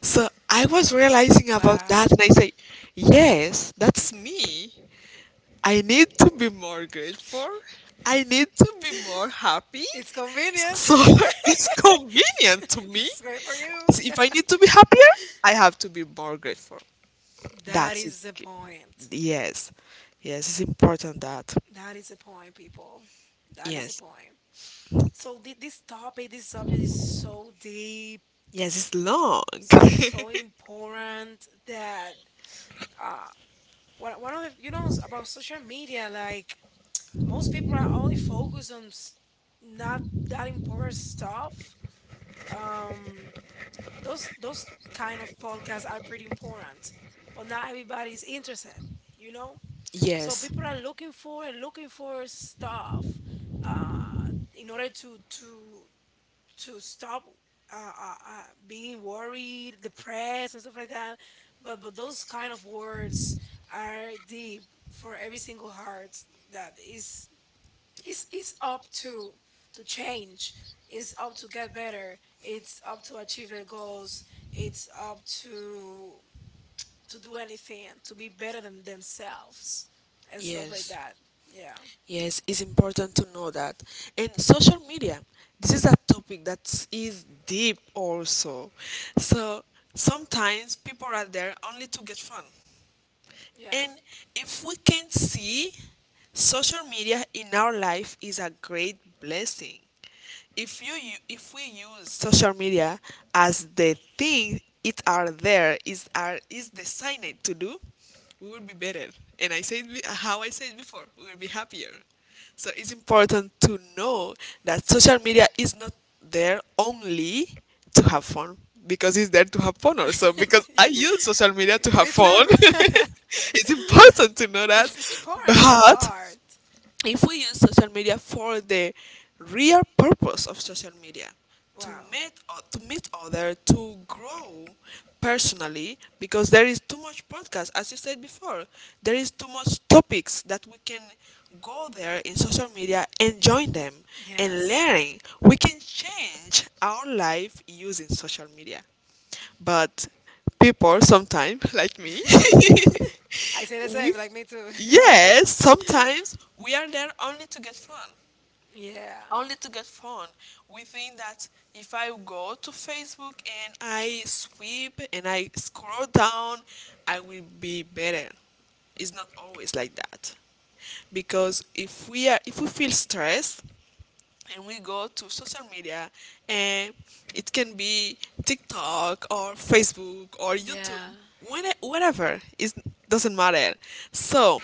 [SPEAKER 2] So I was realizing about that,
[SPEAKER 1] Wow.
[SPEAKER 2] and I say, yes, that's me. I need to be more grateful. I need to be more happy.
[SPEAKER 1] It's convenient.
[SPEAKER 2] So it's convenient to me.
[SPEAKER 1] It's great for you.
[SPEAKER 2] If I need to be happier, I have to be more grateful.
[SPEAKER 1] That
[SPEAKER 2] That's it.
[SPEAKER 1] is the point.
[SPEAKER 2] Yes. Yes, it's important that.
[SPEAKER 1] That is the point, people. That is the
[SPEAKER 2] Yes.
[SPEAKER 1] point. So this topic, this subject is so deep,
[SPEAKER 2] Yes, it's long.
[SPEAKER 1] so important that uh, one one of the, you know about social media, like most people are only focused on not that important stuff. Um, those kind of podcasts are pretty important, but not everybody is interested. You know, so
[SPEAKER 2] Yes.
[SPEAKER 1] people are looking for and looking for stuff in order to stop being worried, depressed, and stuff like that. But those kind of words are deep for every single heart that is up to change. It's up to get better. It's up to achieve their goals. It's up to do anything to be better than themselves and stuff like
[SPEAKER 2] Yes,
[SPEAKER 1] that. Yeah.
[SPEAKER 2] Yes, it's important to know that. And social media, this is a topic that is deep also. So sometimes people are there only to get fun.
[SPEAKER 1] Yeah.
[SPEAKER 2] Yeah. And if we can see, social media in our life is a great blessing. If if we use social media as the thing it are there is are is designed to do, we will be better. And I said how I said before, we will be happier. So it's important to know that social media is not there only to have fun, because it's there to have fun also, because
[SPEAKER 1] Yeah.
[SPEAKER 2] I use social media to have
[SPEAKER 1] Me
[SPEAKER 2] fun.
[SPEAKER 1] too.
[SPEAKER 2] It's important to know that.
[SPEAKER 1] It's important, that
[SPEAKER 2] But
[SPEAKER 1] part.
[SPEAKER 2] if we use social media for the real purpose of social media,
[SPEAKER 1] Wow.
[SPEAKER 2] to meet other, to grow personally, because there is too much podcast, as you said before, there is too much topics that we can go there in social media and join them and
[SPEAKER 1] Yes.
[SPEAKER 2] learn. We can change our life using social media, but people sometimes, like me,
[SPEAKER 1] I say the
[SPEAKER 2] we
[SPEAKER 1] same, like me too.
[SPEAKER 2] yes, sometimes we are there only to get fun,
[SPEAKER 1] Yeah.
[SPEAKER 2] only to get fun. We think that if I go to Facebook and I sweep and I scroll down, I will be better. It's not always like that, because if we feel stressed and we go to social media, and it can be TikTok or Facebook or YouTube,
[SPEAKER 1] Yeah.
[SPEAKER 2] when whatever, it doesn't matter. So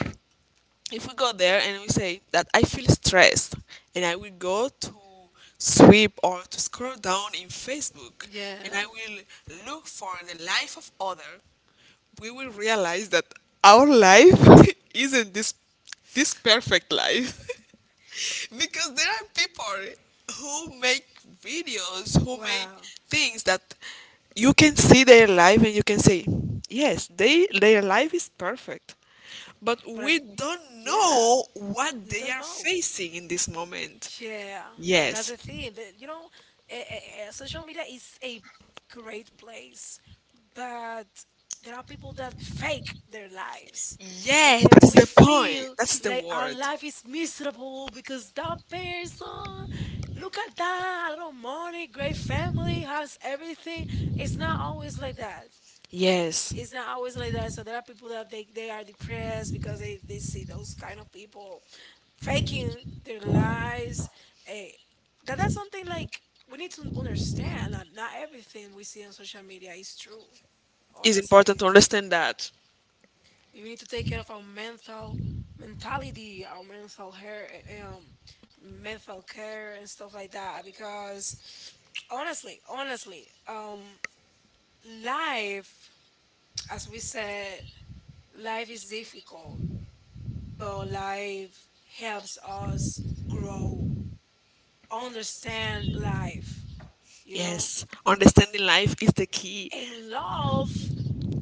[SPEAKER 2] if we go there and we say that I feel stressed, and I will go to sweep or to scroll down in Facebook, and
[SPEAKER 1] Yeah.
[SPEAKER 2] I will look for the life of other, we will realize that our life isn't this perfect life. Because there are people who make videos, who make
[SPEAKER 1] Wow.
[SPEAKER 2] things, that you can see their life and you can say, yes, they their life is perfect, but
[SPEAKER 1] But I,
[SPEAKER 2] we don't
[SPEAKER 1] yeah,
[SPEAKER 2] know what
[SPEAKER 1] we
[SPEAKER 2] they
[SPEAKER 1] don't
[SPEAKER 2] are
[SPEAKER 1] know.
[SPEAKER 2] facing in this moment.
[SPEAKER 1] Yeah, that's
[SPEAKER 2] Yes.
[SPEAKER 1] the thing. But you know, social media is a great place, but there are people that fake their lives, and
[SPEAKER 2] Yes,
[SPEAKER 1] then
[SPEAKER 2] that's
[SPEAKER 1] we
[SPEAKER 2] the point.
[SPEAKER 1] feel
[SPEAKER 2] That's the
[SPEAKER 1] like our
[SPEAKER 2] word.
[SPEAKER 1] life is miserable because that person. Look at that, a lot of money, great family, has everything. It's not always like that,
[SPEAKER 2] Yes.
[SPEAKER 1] it's not always like that. So there are people that they are depressed because they see those kind of people faking their lives. Eh, that's something like we need to understand that not everything we see on social media is true.
[SPEAKER 2] Important
[SPEAKER 1] Honestly,
[SPEAKER 2] to understand that.
[SPEAKER 1] we need to take care of our mentality, our mental hair, mental care and stuff like that. Because honestly, honestly, life, as we said, life is difficult. But life helps us grow, understand life, you
[SPEAKER 2] Yeah.
[SPEAKER 1] know,
[SPEAKER 2] Yes. Understanding life is the key.
[SPEAKER 1] and love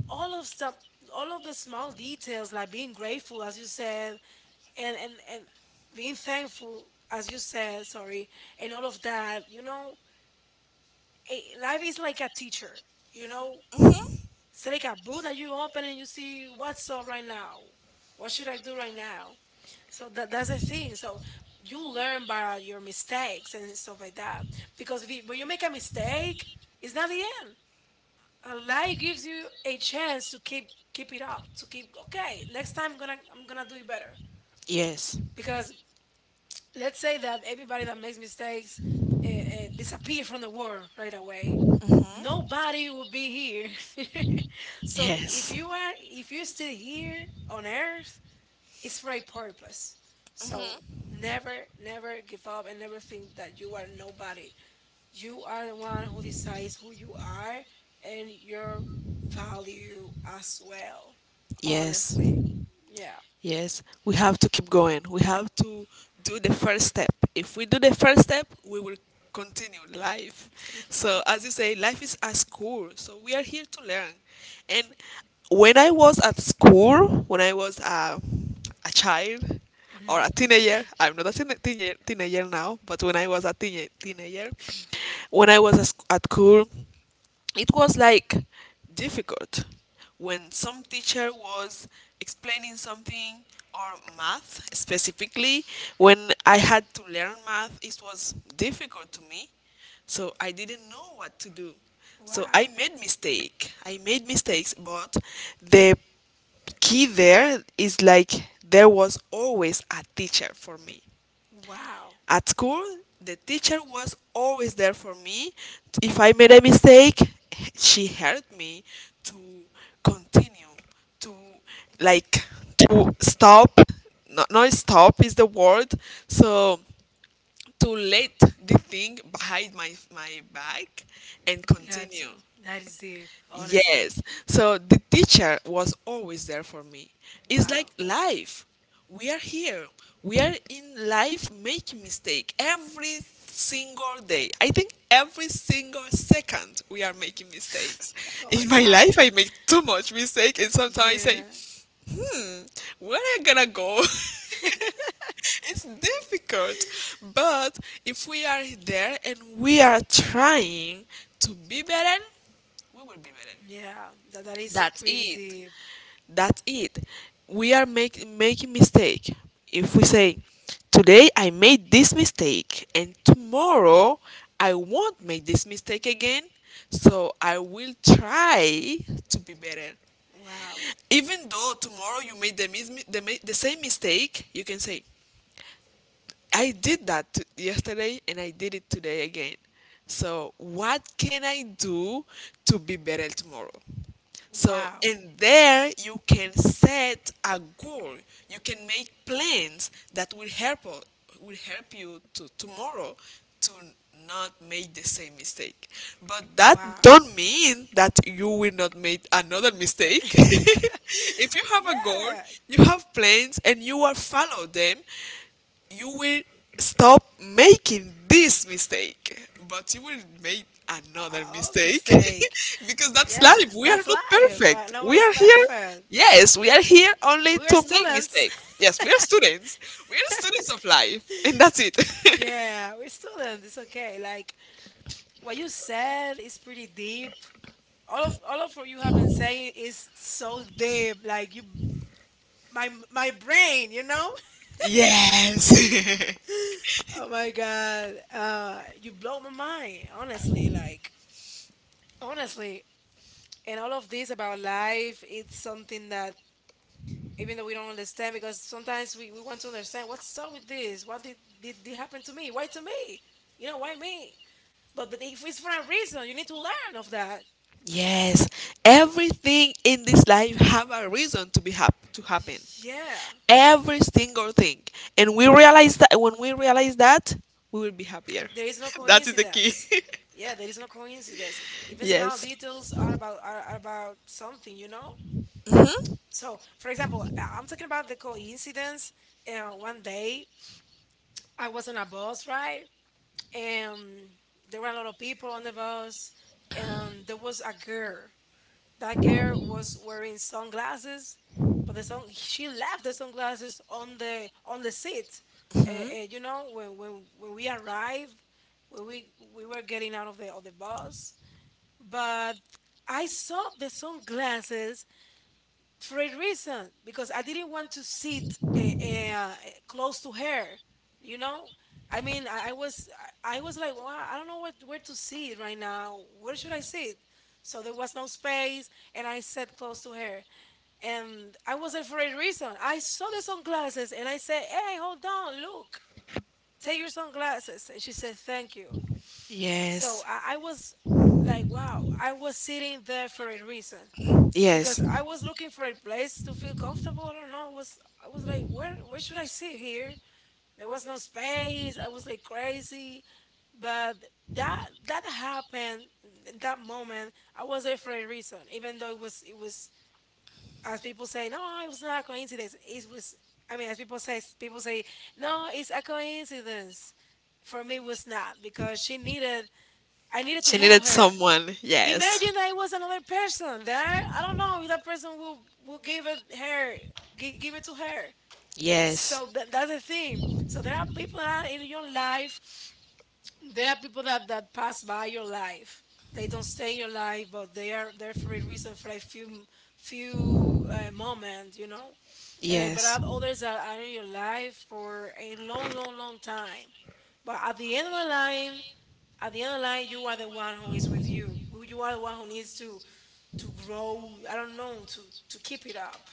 [SPEAKER 1] all of some all of the small details like being grateful, as you said, and being thankful, as you said, sorry, and all of that, you know. Life is like a teacher, you know,
[SPEAKER 2] Hmm.
[SPEAKER 1] it's like a book that you open and you see what's up right now, what should I do right now. So that's the thing. So you learn by your mistakes and stuff like that. Because if you, when you make a mistake, it's not the end. A lie gives you a chance to keep, keep it up. To keep okay, next time I'm gonna, I'm gonna do it better.
[SPEAKER 2] Yes.
[SPEAKER 1] Because let's say that everybody that makes mistakes disappear from the world right away.
[SPEAKER 2] Mhm.
[SPEAKER 1] Nobody will be here. So if you are, if you're still here on Earth, it's for a purpose. So never, never give up and never think that you are nobody. You are the one who decides who you are and your value as well.
[SPEAKER 2] Yes.
[SPEAKER 1] Honestly. Yeah.
[SPEAKER 2] Yes, we have to keep going. We have to do the first step. If we do the first step, we will continue life. So, as you say, life is a school. So, we are here to learn. And when I was at school, when I was a child or a teenager, I'm not a teenager now, but when I was a teenager, when I was at school, it was like difficult when some teacher was explaining something, or math specifically. When I had to learn math, it was difficult to me, so I didn't know what to do. So
[SPEAKER 1] Wow.
[SPEAKER 2] I made mistakes, but the key there is like there was always a teacher for me.
[SPEAKER 1] Wow.
[SPEAKER 2] At school, the teacher was always there for me. If I made a mistake, she helped me to continue, to, like, to stop. Not stop is the word. So to let the thing behind my back and
[SPEAKER 1] Yeah, too.
[SPEAKER 2] continue.
[SPEAKER 1] That is deep. Honestly.
[SPEAKER 2] Yes. So the teacher was always there for me. It's like
[SPEAKER 1] Wow.
[SPEAKER 2] life. We are here. We are in life making mistake every single day. I think every single second we are making mistakes.
[SPEAKER 1] All the
[SPEAKER 2] In my life
[SPEAKER 1] time.
[SPEAKER 2] I make too much mistake, and sometimes I say,
[SPEAKER 1] Yeah.
[SPEAKER 2] "Hmm, where am I gonna go?" It's difficult, but if we are there and we are trying to be better, we will be
[SPEAKER 1] Yeah.
[SPEAKER 2] better.
[SPEAKER 1] That is
[SPEAKER 2] That's
[SPEAKER 1] pretty
[SPEAKER 2] it.
[SPEAKER 1] deep.
[SPEAKER 2] That's it. We are making mistake. If we say, today I made this mistake and tomorrow I won't make this mistake again, so I will try to be better.
[SPEAKER 1] Wow.
[SPEAKER 2] Even though tomorrow you made the same mistake, you can say, I did yesterday and I did it today again. So, what can I do to be better tomorrow? So,
[SPEAKER 1] Wow.
[SPEAKER 2] and there you can set a goal. You can make plans that will will help you to tomorrow to not make the same mistake. But that
[SPEAKER 1] Wow.
[SPEAKER 2] don't mean that you will not make another mistake. If you have a goal,
[SPEAKER 1] Yeah.
[SPEAKER 2] you have plans, and you will follow them, you will stop making this mistake, but you will make another
[SPEAKER 1] All
[SPEAKER 2] mistake,
[SPEAKER 1] mistake.
[SPEAKER 2] because that's
[SPEAKER 1] Yeah,
[SPEAKER 2] life. We are
[SPEAKER 1] that's
[SPEAKER 2] not
[SPEAKER 1] life.
[SPEAKER 2] perfect. We
[SPEAKER 1] Nobody's
[SPEAKER 2] are here,
[SPEAKER 1] perfect.
[SPEAKER 2] yes, we are here only
[SPEAKER 1] We're
[SPEAKER 2] to make
[SPEAKER 1] students.
[SPEAKER 2] mistakes. Yes, we are students of life, and that's it.
[SPEAKER 1] Yeah, we're students. It's okay. Like what you said is pretty deep. All of what you have been saying is so deep. Like you, my brain. You know.
[SPEAKER 2] Yes.
[SPEAKER 1] Oh my god. You blow my mind. Honestly, like, honestly, and all of this about life, it's something that even though we don't understand, because sometimes we want to understand what's up with this, did happen to me, why to me, you know, why me, but if it's for a reason you need to learn of that.
[SPEAKER 2] Yes, everything in this life have a reason to happen.
[SPEAKER 1] Yeah,
[SPEAKER 2] Every single thing. And we realize that when we realize that, we will be happier.
[SPEAKER 1] there is no
[SPEAKER 2] That is the key.
[SPEAKER 1] coincidence. Yeah, there is no coincidence, even small
[SPEAKER 2] Yes.
[SPEAKER 1] details are about are about something, you know.
[SPEAKER 2] Hmm.
[SPEAKER 1] So for example, I'm talking about the coincidence. Uh, one day I was on a bus, right, and there were a lot of people on the bus, and there was a girl. That girl was wearing sunglasses, but the sun she left the sunglasses on the seat. You know, when, when we arrived, when we were getting out of the bus, but I saw the sunglasses for a reason because I didn't want to sit close to her. You know, I mean, I was I was like, well, I don't know what where to sit right now. Where should I sit? So there was no space, and I sat close to her. And I was there for a reason. I saw the sunglasses, and I said, "Hey, hold on, look, take your sunglasses." And she said, "Thank you." So
[SPEAKER 2] Yes.
[SPEAKER 1] I was like, "Wow, I was sitting there for a reason."
[SPEAKER 2] Yes,
[SPEAKER 1] Because I was looking for a place to feel comfortable. I don't know. I was like, where should I sit here? There was no space. I was like crazy. But that happened in that moment. I was there for a reason, even though it was as people say, no, it was not a coincidence. It was I mean, as people say, no, it's a coincidence. For me, it was not because she needed. I needed to
[SPEAKER 2] she
[SPEAKER 1] help
[SPEAKER 2] needed
[SPEAKER 1] her.
[SPEAKER 2] someone. Yes.
[SPEAKER 1] Imagine that it was another person there. I don't know if that person will give it her give it to her.
[SPEAKER 2] Yes.
[SPEAKER 1] So that's the thing. So there are people that are in your life. There are people that pass by your life. They don't stay in your life, but they are there for a reason, for a few moments, But
[SPEAKER 2] Yes,
[SPEAKER 1] are others that are in your life for a long, long, long time. But at the end of the line, at the end of the line, you are the one who
[SPEAKER 2] who
[SPEAKER 1] is with you. You are the one who needs
[SPEAKER 2] is.
[SPEAKER 1] to grow. I don't know, to keep it up.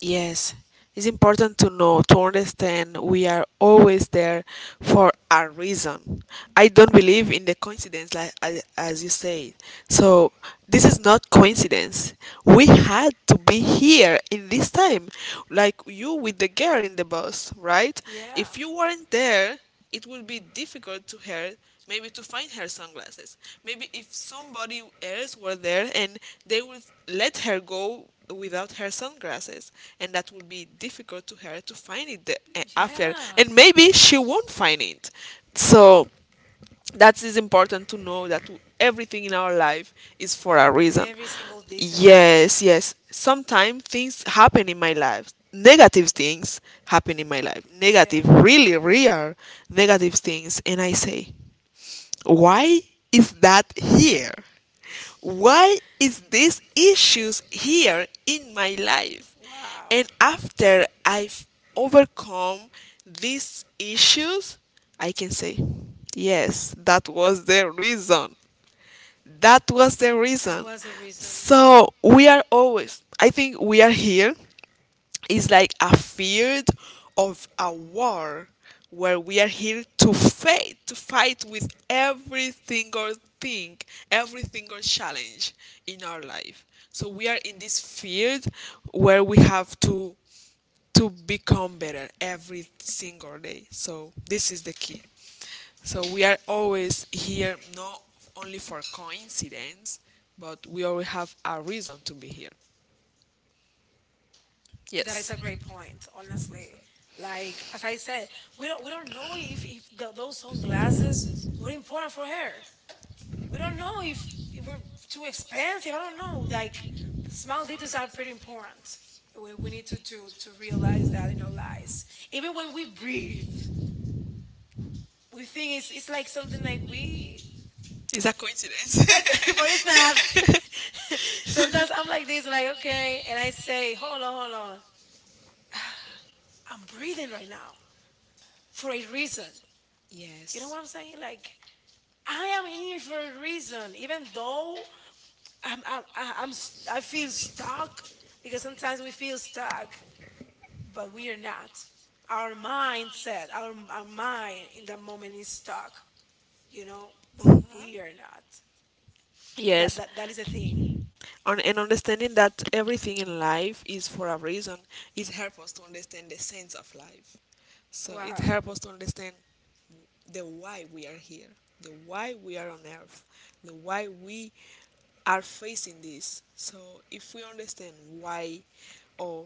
[SPEAKER 2] Yes, it's important to know, to understand we are always there for a reason. I don't believe in the coincidence, like, as you say. So this is not coincidence. We had to be here in this time, like you with the girl in the bus, right?
[SPEAKER 1] Yeah.
[SPEAKER 2] If you weren't there, it would be difficult to her maybe to find her sunglasses. Maybe if somebody else were there and they would let her go without her sunglasses, and that would be difficult to her to find it after,
[SPEAKER 1] Yeah.
[SPEAKER 2] and maybe she won't find it. So that is important to know that everything in our life is for a reason.
[SPEAKER 1] Every single detail, yeah.
[SPEAKER 2] Yes, yes. Sometimes things happen in my life. Negative things happen in my life. Negative,
[SPEAKER 1] Yeah.
[SPEAKER 2] really real negative things. And I say, why is that here? Why is these issues here in my life?
[SPEAKER 1] Wow.
[SPEAKER 2] And after I've overcome these issues, I can say, yes, that was the reason. That was the
[SPEAKER 1] That
[SPEAKER 2] reason.
[SPEAKER 1] was a reason.
[SPEAKER 2] So we are always, I think we are here is like a field of a war where we are here to fight with every single thing, every single challenge in our life, so we are in this field where we have to become better every single day, so this is the key. So we are always here not only for coincidence, but we always have a reason to be here, that.
[SPEAKER 1] That is
[SPEAKER 2] Yes.
[SPEAKER 1] a great point, honestly. Like, as I said, we don't know if th those sunglasses were important for her. We don't know if we're too expensive, I don't know. Like, small details are pretty important. We we need to realize that in our lives, even when we breathe. We think it's like something, like we
[SPEAKER 2] It's a coincidence.
[SPEAKER 1] like, but it's not.
[SPEAKER 2] But it's...
[SPEAKER 1] Sometimes I'm like this, like, okay, and I say, hold on, hold on, I'm breathing right now for a reason.
[SPEAKER 2] You know,
[SPEAKER 1] You know
[SPEAKER 2] yes.
[SPEAKER 1] what I'm saying? Like, I am here for a reason, even though I'm I- I'm s- I feel stuck, because sometimes we feel stuck but we are not. Our mindset, our mind in that moment is stuck, you know, but we are not.
[SPEAKER 2] Yes.
[SPEAKER 1] That is a thing.
[SPEAKER 2] a and understanding that everything in life is for a reason, it helps us to understand the sense of life. So it, wow,
[SPEAKER 1] Wow.
[SPEAKER 2] helps us to understand the why we are here, the why we are on earth, the why we are facing this. So if we understand why, or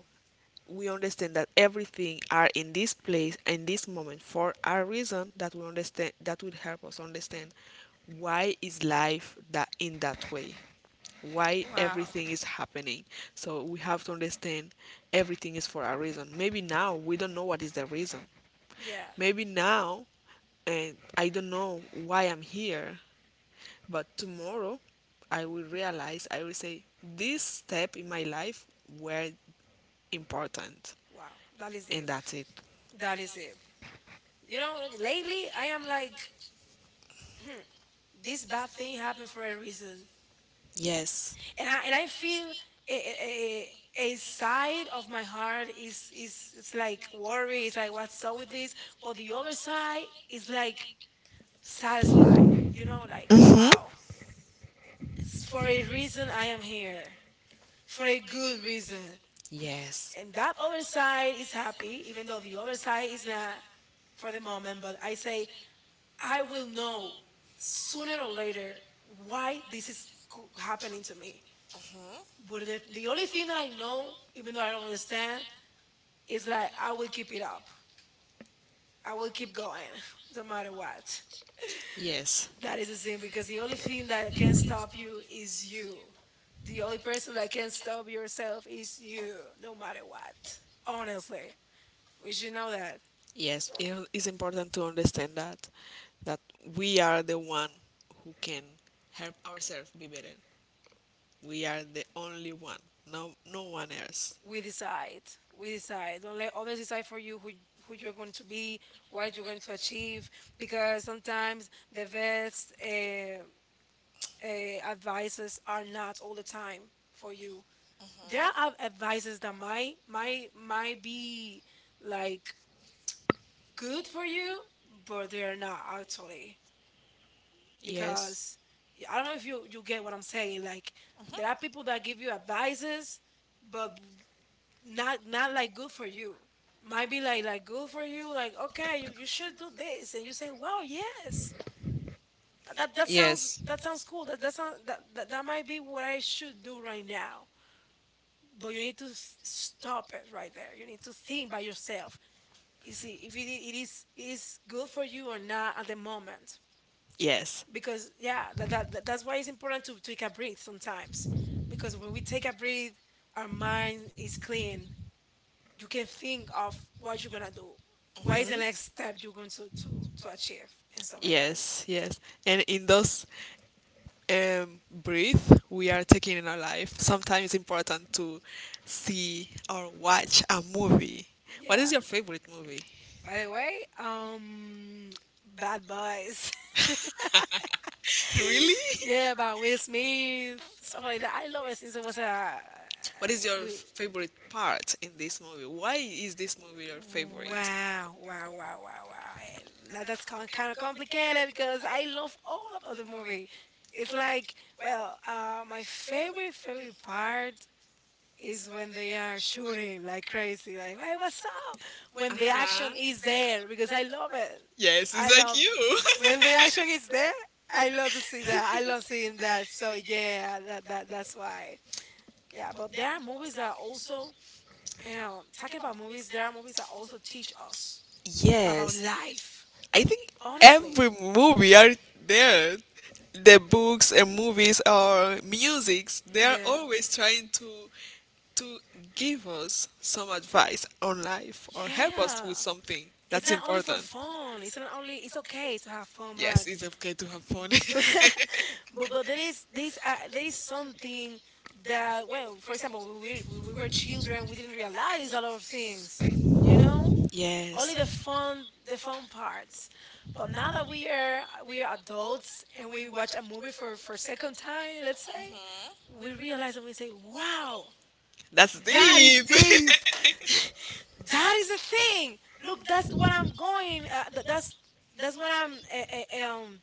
[SPEAKER 2] we understand that everything are in this place in this moment for a reason, that we understand that will help us understand why is life that in that way, why
[SPEAKER 1] Wow.
[SPEAKER 2] everything is happening. So we have to understand everything is for a reason. Maybe now we don't know what is the reason.
[SPEAKER 1] Yeah.
[SPEAKER 2] Maybe now, and I don't know why I'm here, but tomorrow I will realize, I will say, this step in my life were important.
[SPEAKER 1] Wow. That is
[SPEAKER 2] And
[SPEAKER 1] it.
[SPEAKER 2] that's it.
[SPEAKER 1] That is it. You know, lately I am like, this bad thing happened for a reason,
[SPEAKER 2] Yes.
[SPEAKER 1] and I feel a a, a a side of my heart is it's like worry. It's like, what's up with this? But the other side is like satisfied. You know, like,
[SPEAKER 2] Hmm.
[SPEAKER 1] wow, it's for a reason I am here, for a good reason,
[SPEAKER 2] Yes.
[SPEAKER 1] and that other side is happy, even though the other side is not for the moment. But I say, I will know sooner or later why this is happening to me. But the only thing that I know, even though I don't understand, is that I will keep it up. I will keep going, no matter what.
[SPEAKER 2] Yes.
[SPEAKER 1] That is the thing, because the only thing that can stop you is you. The only person that can stop yourself is you, no matter what. Honestly, we should know that.
[SPEAKER 2] Yes. It is important to understand that that we are the one who can help ourselves be better. We are the only one. No, no one else.
[SPEAKER 1] We decide. We decide, don't let others decide for you who you're going to be, what you're going to achieve. Because sometimes the best advices are not all the time for you. There are advices that might might be like good for you, but they are not actually.
[SPEAKER 2] Yes.
[SPEAKER 1] Because I don't know if you you get what I'm saying. Like, there are people that give you advices, but not not like good for you. Might be like good for you, like, okay, you should do this, and you say, wow, yes, that sounds,
[SPEAKER 2] Yes.
[SPEAKER 1] that sounds cool, that that, sound, that that that might be what I should do right now. But you need to stop it right there. You need to think by yourself, is it, if it, it is good for you or not at the moment.
[SPEAKER 2] Yes.
[SPEAKER 1] Because yeah, that's why it's important to take a breath sometimes. Because when we take a breath, our mind is clean. You can think of what you're gonna do. What is the next step
[SPEAKER 2] Hmm.
[SPEAKER 1] you're going to achieve and stuff like that.
[SPEAKER 2] Yes, yes. And in those breath we are taking in our life, sometimes it's important to see or watch a movie. What
[SPEAKER 1] Yeah.
[SPEAKER 2] is your favorite movie?
[SPEAKER 1] By the way, um, Bad Boys.
[SPEAKER 2] Really?
[SPEAKER 1] Yeah, about Will Smith, stuff like that. I love it since it was a
[SPEAKER 2] What is your
[SPEAKER 1] we.
[SPEAKER 2] favorite part in this movie? Why is this movie your, well, favorite?
[SPEAKER 1] Wow, wow, wow, wow, wow. Now that's kind of complicated because I love all about the movie. It's like, well, my favorite, favorite part is when they are shooting like crazy, like, hey, what's up? When the action
[SPEAKER 2] Huh?
[SPEAKER 1] is there, because I love it.
[SPEAKER 2] Yes, it's
[SPEAKER 1] I
[SPEAKER 2] like
[SPEAKER 1] love when the
[SPEAKER 2] you.
[SPEAKER 1] action is there. I love to see that. I love seeing that. So yeah, that's why. Yeah, but there are movies that also talking about movies. There are movies that also teach us
[SPEAKER 2] is
[SPEAKER 1] about
[SPEAKER 2] Yes, life.
[SPEAKER 1] life.
[SPEAKER 2] I think
[SPEAKER 1] Honestly,
[SPEAKER 2] every movie are there. The books and movies or musics, they are
[SPEAKER 1] yeah,
[SPEAKER 2] always trying to give us some advice on life or help us, yeah,
[SPEAKER 1] yeah.
[SPEAKER 2] with something. It's
[SPEAKER 1] It's
[SPEAKER 2] That's
[SPEAKER 1] not only for
[SPEAKER 2] important.
[SPEAKER 1] fun. It's not only. It's okay to have fun,
[SPEAKER 2] Yes, it's okay to have fun.
[SPEAKER 1] but but there is this there is something that, well, for example, when when we were children, we didn't realize a lot of things, you know, only the
[SPEAKER 2] Yes.
[SPEAKER 1] fun, the fun parts. But now that we are adults and we watch a movie for second time, let's say,
[SPEAKER 2] Mm-hmm.
[SPEAKER 1] we realize and we say, wow,
[SPEAKER 2] That's that
[SPEAKER 1] that is deep.
[SPEAKER 2] deep.
[SPEAKER 1] That is a thing. Look, that's what I'm going that's what I'm uh, uh, um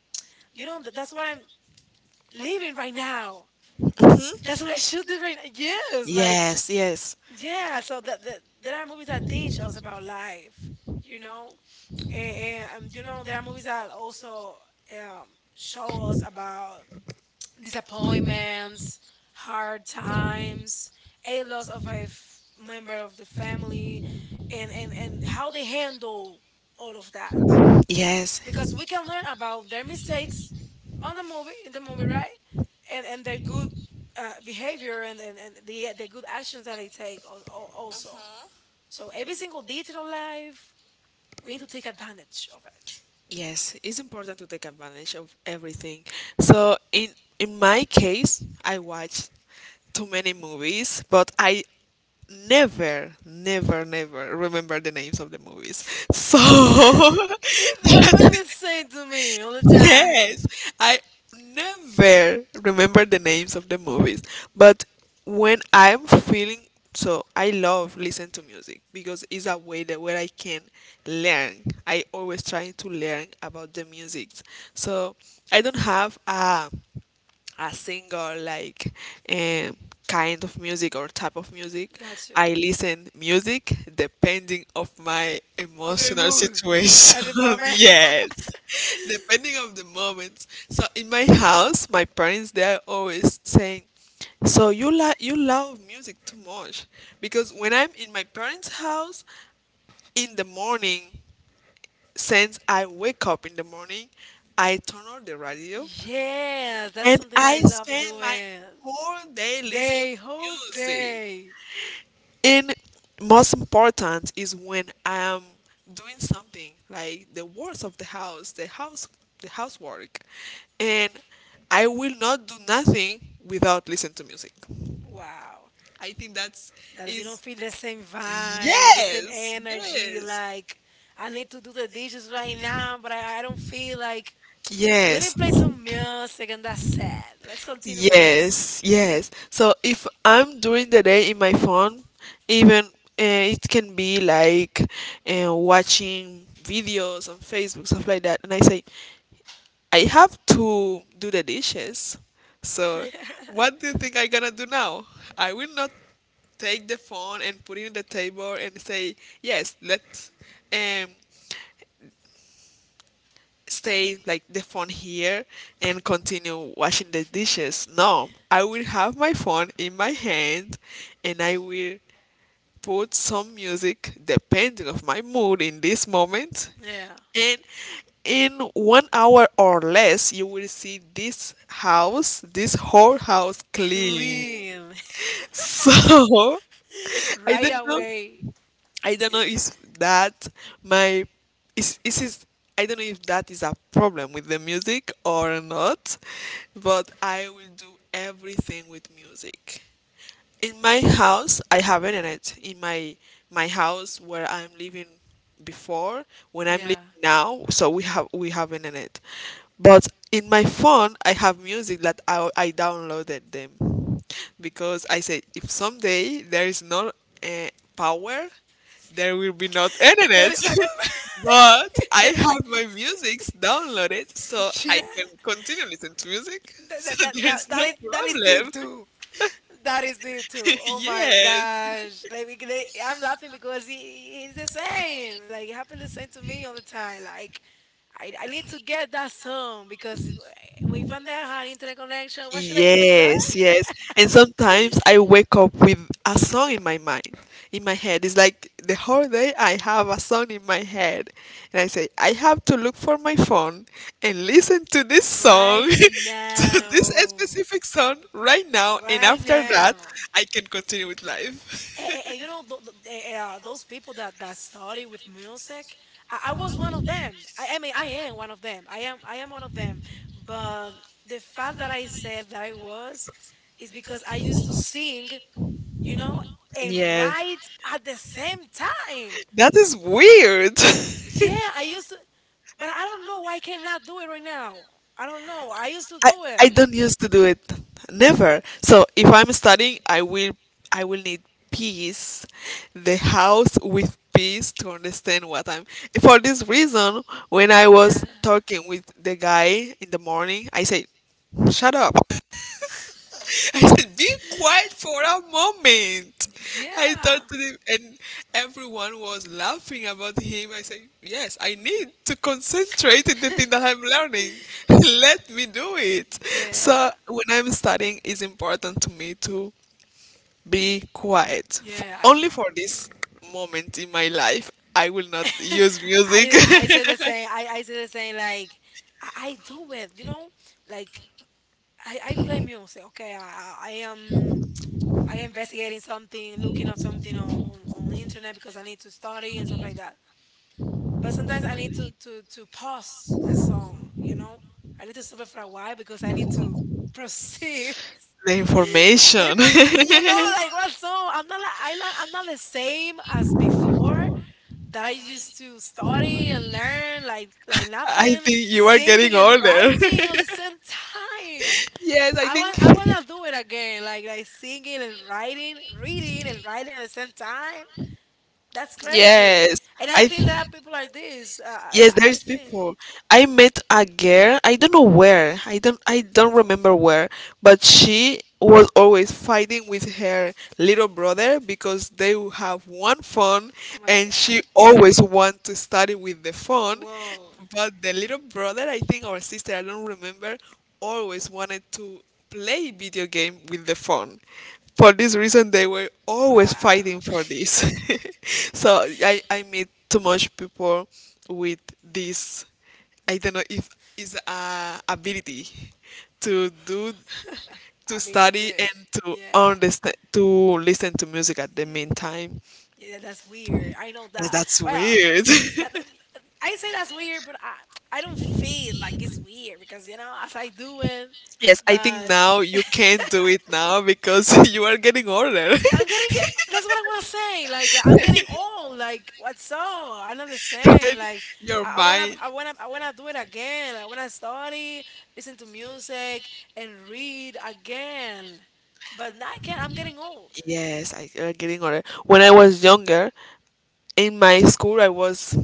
[SPEAKER 1] you know that's what I'm living right now.
[SPEAKER 2] Hmm, that's what it
[SPEAKER 1] That's
[SPEAKER 2] feels.
[SPEAKER 1] what I should do right now. Yes, like
[SPEAKER 2] Yes, yes,
[SPEAKER 1] yeah. So that there are movies that teach us about life, you know, and you know there are movies that also um, show us about disappointments, hard times, a loss of a member of the family, and and how they handle all of that.
[SPEAKER 2] yes,
[SPEAKER 1] Because we can learn about their mistakes on the movie, in the movie, right? And their good behavior, and the good actions that they take also. So every single detail of life, we need to take advantage of it.
[SPEAKER 2] yes. It's important to take advantage of everything. So in my case, I watch too many movies, but I never, never, never remember the names of the movies. So
[SPEAKER 1] It happened the same to me all the time.
[SPEAKER 2] Yes, I never remember the names of the movies, but when I'm feeling so, I love listen to music because it's a way that where I can learn. I always trying to learn about the music, so I don't have a singer, like um, kind of music or type of music.
[SPEAKER 1] Gotcha.
[SPEAKER 2] I listen music depending of my
[SPEAKER 1] Of your
[SPEAKER 2] emotional
[SPEAKER 1] mood at
[SPEAKER 2] situation.
[SPEAKER 1] the moment.
[SPEAKER 2] Yes, depending of the moment. So in my house, my parents they are always saying, "So you like, you love music too much," because when I'm in my parents' house in the morning, since I wake up in the morning, I turn on the radio
[SPEAKER 1] Yes, that's
[SPEAKER 2] and
[SPEAKER 1] something I
[SPEAKER 2] I
[SPEAKER 1] love
[SPEAKER 2] spend my
[SPEAKER 1] doing.
[SPEAKER 2] whole day listening
[SPEAKER 1] Day, whole
[SPEAKER 2] to music.
[SPEAKER 1] day.
[SPEAKER 2] And most important is when I am doing something like the works of the house, the housework, and I will not do nothing without listening to music.
[SPEAKER 1] Wow,
[SPEAKER 2] I think that's
[SPEAKER 1] that you don't
[SPEAKER 2] is,
[SPEAKER 1] feel the same vibe, the same
[SPEAKER 2] yes,
[SPEAKER 1] energy. Like, I need to do the dishes right now, but I don't feel like. Let me
[SPEAKER 2] yes,
[SPEAKER 1] play
[SPEAKER 2] yes.
[SPEAKER 1] some music and that's it. Let's continue with this.
[SPEAKER 2] Yes, yes. So if I'm doing the day in my phone, even it can be like watching videos on Facebook, stuff like that. And I say, I have to do the dishes. So what do you think I'm gonna do now? I will not take the phone and put it in the table and say, yes, let's um, stay like the phone here and continue washing the dishes. No, I will have my phone in my hand and I will put some music depending of my mood in this moment,
[SPEAKER 1] Yeah.
[SPEAKER 2] and in one hour or less you will see this whole house clean.
[SPEAKER 1] Clean.
[SPEAKER 2] So i
[SPEAKER 1] Right
[SPEAKER 2] don't know
[SPEAKER 1] away.
[SPEAKER 2] I don't know if that my is it, I don't know if that is a problem with the music or not, but I will do everything with music. In my house, I have internet. In my house where I'm living before, when I'm living
[SPEAKER 1] Yeah.
[SPEAKER 2] now, so we have internet. But in my phone, I have music that I downloaded them because I said if someday there is no uh, power, there will be not
[SPEAKER 1] That
[SPEAKER 2] internet.
[SPEAKER 1] is a
[SPEAKER 2] But I
[SPEAKER 1] good.
[SPEAKER 2] have my music downloaded, so I
[SPEAKER 1] Yeah.
[SPEAKER 2] can continue listening to music. So there's no
[SPEAKER 1] That is
[SPEAKER 2] problem.
[SPEAKER 1] deep too. That is deep too. Oh my gosh. Like, we, I'm laughing because he's the same. Like, it happened the same to me all the time. Like, I need to get that song because if I'm
[SPEAKER 2] Yes.
[SPEAKER 1] that hard internet connection, what should I do,
[SPEAKER 2] Yes,
[SPEAKER 1] right?
[SPEAKER 2] yes. And sometimes I wake up with a song in my mind, in my head. It's like the whole day I have a song in my head. And I say, I have to look for my phone and listen to this song,
[SPEAKER 1] Right
[SPEAKER 2] to this
[SPEAKER 1] now.
[SPEAKER 2] specific song right now. And
[SPEAKER 1] Right
[SPEAKER 2] after that,
[SPEAKER 1] now.
[SPEAKER 2] I can continue with life.
[SPEAKER 1] And you know those people that that started with music, I was one of them. I mean, I am one of them. I am one of them. But the fact that I said that I was is because I used to sing, you know, and
[SPEAKER 2] Yeah.
[SPEAKER 1] write at the same time.
[SPEAKER 2] That is weird.
[SPEAKER 1] Yeah, I used to, but I don't know why I cannot do it right now. I don't know. I used to
[SPEAKER 2] I,
[SPEAKER 1] do
[SPEAKER 2] I
[SPEAKER 1] it.
[SPEAKER 2] don't used to do it. Never. So if I'm studying, I will need peace, the house with peace to understand what I'm. For this reason, when I
[SPEAKER 1] Yeah.
[SPEAKER 2] was talking with the guy in the morning, I said, "Shut up." I said, be quiet for a moment. I thought
[SPEAKER 1] Yeah.
[SPEAKER 2] to him, and everyone was laughing about him. I said, yes, I need to concentrate in the thing that I'm learning. Let me do it.
[SPEAKER 1] Yeah,
[SPEAKER 2] So when I'm studying, it's important to me to be quiet. F
[SPEAKER 1] yeah.
[SPEAKER 2] Only for this moment in my life, I will not use music.
[SPEAKER 1] I say the same. I say the same. Like, I do it. You know, like, I play music. Okay, I am I investigating something, looking up something on, on the internet, because I need to study and stuff like that. But sometimes I need to pause the song. You know, I need to stop it for a while because I need to proceed.
[SPEAKER 2] The information.
[SPEAKER 1] Different, you know, like, what's up? I'm not like I'm not the same as before. That I used to study and learn, like
[SPEAKER 2] I
[SPEAKER 1] laughing,
[SPEAKER 2] think you are getting
[SPEAKER 1] singing and
[SPEAKER 2] older.
[SPEAKER 1] writing at the same time.
[SPEAKER 2] Yes, I
[SPEAKER 1] I
[SPEAKER 2] think.
[SPEAKER 1] wanna do it again, like singing and writing, reading and writing at the same time. That's crazy.
[SPEAKER 2] Yes,
[SPEAKER 1] And I
[SPEAKER 2] I.
[SPEAKER 1] think there are people like this.
[SPEAKER 2] Yes,
[SPEAKER 1] I
[SPEAKER 2] there's
[SPEAKER 1] think.
[SPEAKER 2] people. I met a girl. I don't know where. I don't remember where. But she was always fighting with her little brother because they will have one phone,
[SPEAKER 1] Oh my
[SPEAKER 2] and
[SPEAKER 1] God.
[SPEAKER 2] she always want to study with the phone.
[SPEAKER 1] Whoa.
[SPEAKER 2] But the little brother, I think, or sister, I don't remember, always wanted to play video game with the phone, for this reason they were always
[SPEAKER 1] Wow.
[SPEAKER 2] fighting for this. So I meet too much people with this. I don't know if is a ability to do, to
[SPEAKER 1] I mean, it's
[SPEAKER 2] study
[SPEAKER 1] it.
[SPEAKER 2] and to
[SPEAKER 1] Yeah.
[SPEAKER 2] understand, to listen to music at the
[SPEAKER 1] Yeah. Yeah.
[SPEAKER 2] meantime.
[SPEAKER 1] Yeah, that's weird. I know
[SPEAKER 2] Yes,
[SPEAKER 1] that.
[SPEAKER 2] that's
[SPEAKER 1] Well,
[SPEAKER 2] weird.
[SPEAKER 1] that I say that's weird, but I don't feel like it's weird because you know as I do it,
[SPEAKER 2] Yes, I think
[SPEAKER 1] but
[SPEAKER 2] now you can't do it now because you are getting older.
[SPEAKER 1] yeah, I'm getting get. That's what I want to say. Like, I'm getting old. Like, what's up? I'm not the same.
[SPEAKER 2] And
[SPEAKER 1] Like,
[SPEAKER 2] your mind.
[SPEAKER 1] I wanna do it again. I wanna study, listen to music, and read again. But now I can't. I'm getting old.
[SPEAKER 2] Yes, I are getting older. When I was younger, in my school, I was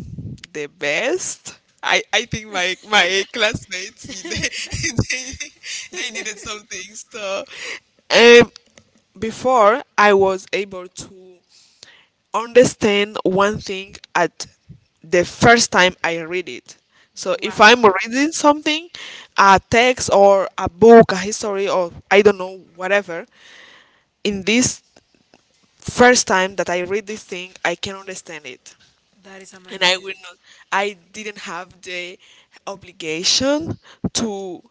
[SPEAKER 2] the best. I think my classmates they, they needed some things. So, um, before I was able to understand one thing at the first time I read it. So if
[SPEAKER 1] Wow.
[SPEAKER 2] I'm reading something, a text or a book, a history or I don't know whatever, in this first time that I read this thing, I can understand it.
[SPEAKER 1] That is
[SPEAKER 2] And I
[SPEAKER 1] amazing.
[SPEAKER 2] will not I didn't have the obligation to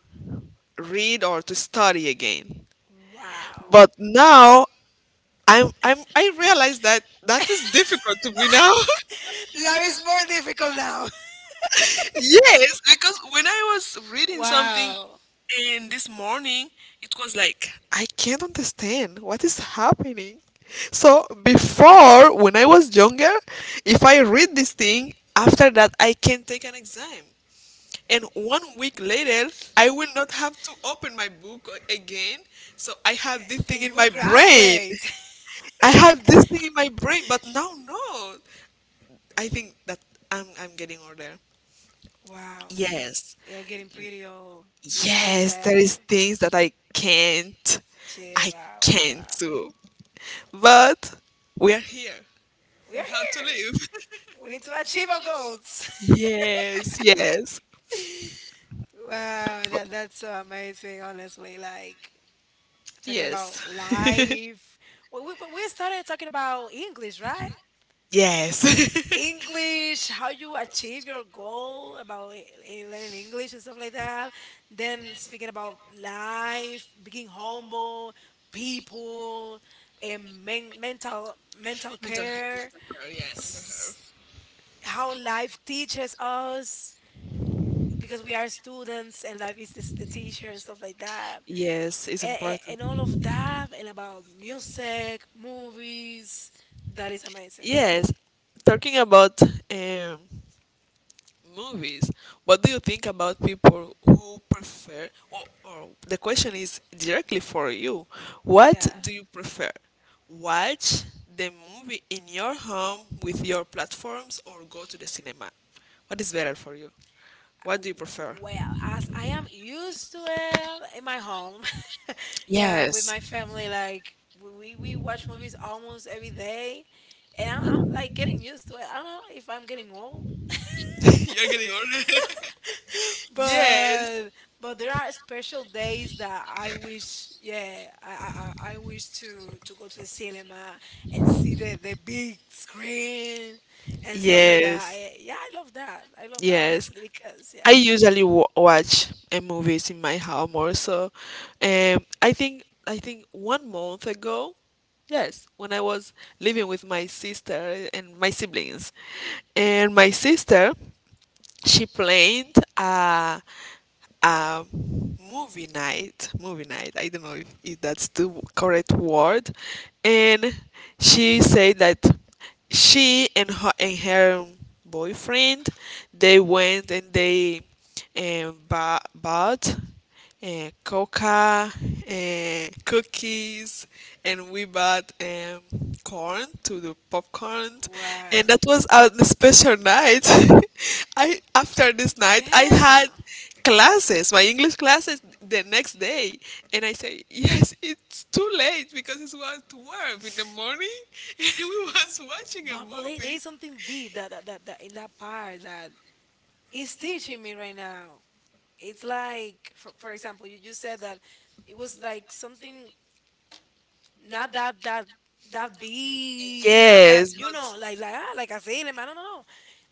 [SPEAKER 2] read or to study again.
[SPEAKER 1] Wow.
[SPEAKER 2] But now I realize that that
[SPEAKER 1] Life
[SPEAKER 2] is difficult to me now.
[SPEAKER 1] is more difficult now.
[SPEAKER 2] Yes, because when I was reading something
[SPEAKER 1] Wow.
[SPEAKER 2] and this morning, it was like, I can't understand what is happening. So before, when I was younger, if I read this thing, after that, I can take an exam. And one week later, I will not have to open my book again. So I have this
[SPEAKER 1] And
[SPEAKER 2] thing
[SPEAKER 1] you
[SPEAKER 2] in
[SPEAKER 1] will
[SPEAKER 2] my brain.
[SPEAKER 1] graduate.
[SPEAKER 2] I have this thing in my brain, but now no. I think that I'm getting older.
[SPEAKER 1] Wow.
[SPEAKER 2] Yes.
[SPEAKER 1] We are getting pretty old. We are not the
[SPEAKER 2] Yes, there
[SPEAKER 1] same.
[SPEAKER 2] is things that I can't,
[SPEAKER 1] Chill.
[SPEAKER 2] I
[SPEAKER 1] Wow, wow,
[SPEAKER 2] can't
[SPEAKER 1] wow.
[SPEAKER 2] do. But we are here.
[SPEAKER 1] We
[SPEAKER 2] We
[SPEAKER 1] are
[SPEAKER 2] have to
[SPEAKER 1] here.
[SPEAKER 2] live.
[SPEAKER 1] We need to achieve our goals.
[SPEAKER 2] Yes, yes,
[SPEAKER 1] Wow, that's so amazing, honestly. Like, talking about
[SPEAKER 2] yes,
[SPEAKER 1] life. Well, we, but we started talking about English, right?
[SPEAKER 2] yes.
[SPEAKER 1] English, how you achieve your goal about learning English and stuff like that. Then speaking about life, being humble, people, and men- mental
[SPEAKER 2] Mental
[SPEAKER 1] mental
[SPEAKER 2] health
[SPEAKER 1] care,
[SPEAKER 2] matter.
[SPEAKER 1] s-
[SPEAKER 2] Yes.
[SPEAKER 1] how life teaches us because we are students and life is the teacher and stuff like that.
[SPEAKER 2] Yes, it's
[SPEAKER 1] And,
[SPEAKER 2] important.
[SPEAKER 1] and all of that and about music, movies, that is amazing.
[SPEAKER 2] Yes, talking about um, movies. What do you think about people who prefer, or the question is directly for you, what
[SPEAKER 1] Yeah.
[SPEAKER 2] do you prefer? Watch the movie in your home with your platforms or go to the cinema? What is better for you? What do you prefer?
[SPEAKER 1] Well, as I am used to it in my home, yeah,
[SPEAKER 2] Yes.
[SPEAKER 1] with my family, like we we watch movies
[SPEAKER 2] You're
[SPEAKER 1] almost every day, and I'm like getting used to it. I don't know if I'm getting old,
[SPEAKER 2] getting older. Yes.
[SPEAKER 1] but but there are special days that I wish, yeah, I wish to go to the cinema and see the big screen and stuff like that.
[SPEAKER 2] Yes,
[SPEAKER 1] I, yeah, I love that. I love that
[SPEAKER 2] yes.
[SPEAKER 1] honestly because
[SPEAKER 2] I
[SPEAKER 1] yeah,
[SPEAKER 2] usually watch movies in my house more so. I think one month ago, yes, when I was living with my sister and my siblings, and my sister she planned movie night, movie night. I don't know if that's the correct word. And she said that she and her boyfriend they went and they bought uh, coca, cookies, and we bought corn to do popcorn,
[SPEAKER 1] wow,
[SPEAKER 2] and that was a special night. I After this night, I
[SPEAKER 1] yeah.
[SPEAKER 2] had classes, my English classes the next day, and I say yes, it's too late because it was 12 in the morning, and we was watching a
[SPEAKER 1] But there there
[SPEAKER 2] movie.
[SPEAKER 1] is something deep that that, that that in that part that is teaching me right now. It's like for example, you said that it was like something not that that that big, not that
[SPEAKER 2] Yes,
[SPEAKER 1] you know,
[SPEAKER 2] but
[SPEAKER 1] like ah, like asylum. I don't know.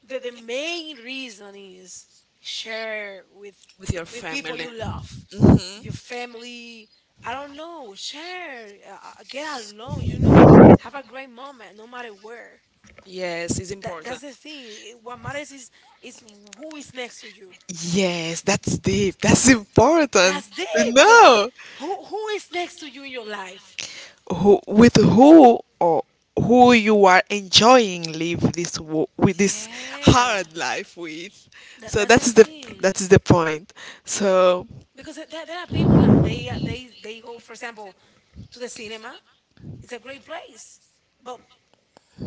[SPEAKER 1] The main reason is share
[SPEAKER 2] with your
[SPEAKER 1] with people
[SPEAKER 2] family.
[SPEAKER 1] you love, with
[SPEAKER 2] Hmm.
[SPEAKER 1] your family. I don't know. Share. Get alone. You know. Have a great moment, no matter where
[SPEAKER 2] Yes, it's
[SPEAKER 1] that
[SPEAKER 2] important.
[SPEAKER 1] that's the thing. What matters is who is next to you.
[SPEAKER 2] Yes, that's deep. That's important
[SPEAKER 1] That's
[SPEAKER 2] to
[SPEAKER 1] it. Because
[SPEAKER 2] know
[SPEAKER 1] who is next to you in your life?
[SPEAKER 2] with who or who you are enjoying live with this
[SPEAKER 1] Yeah,
[SPEAKER 2] hard life with.
[SPEAKER 1] that
[SPEAKER 2] So
[SPEAKER 1] that's the thing.
[SPEAKER 2] that is the point. So
[SPEAKER 1] Because there are people that they go, for example, to the cinema. It's a great place, but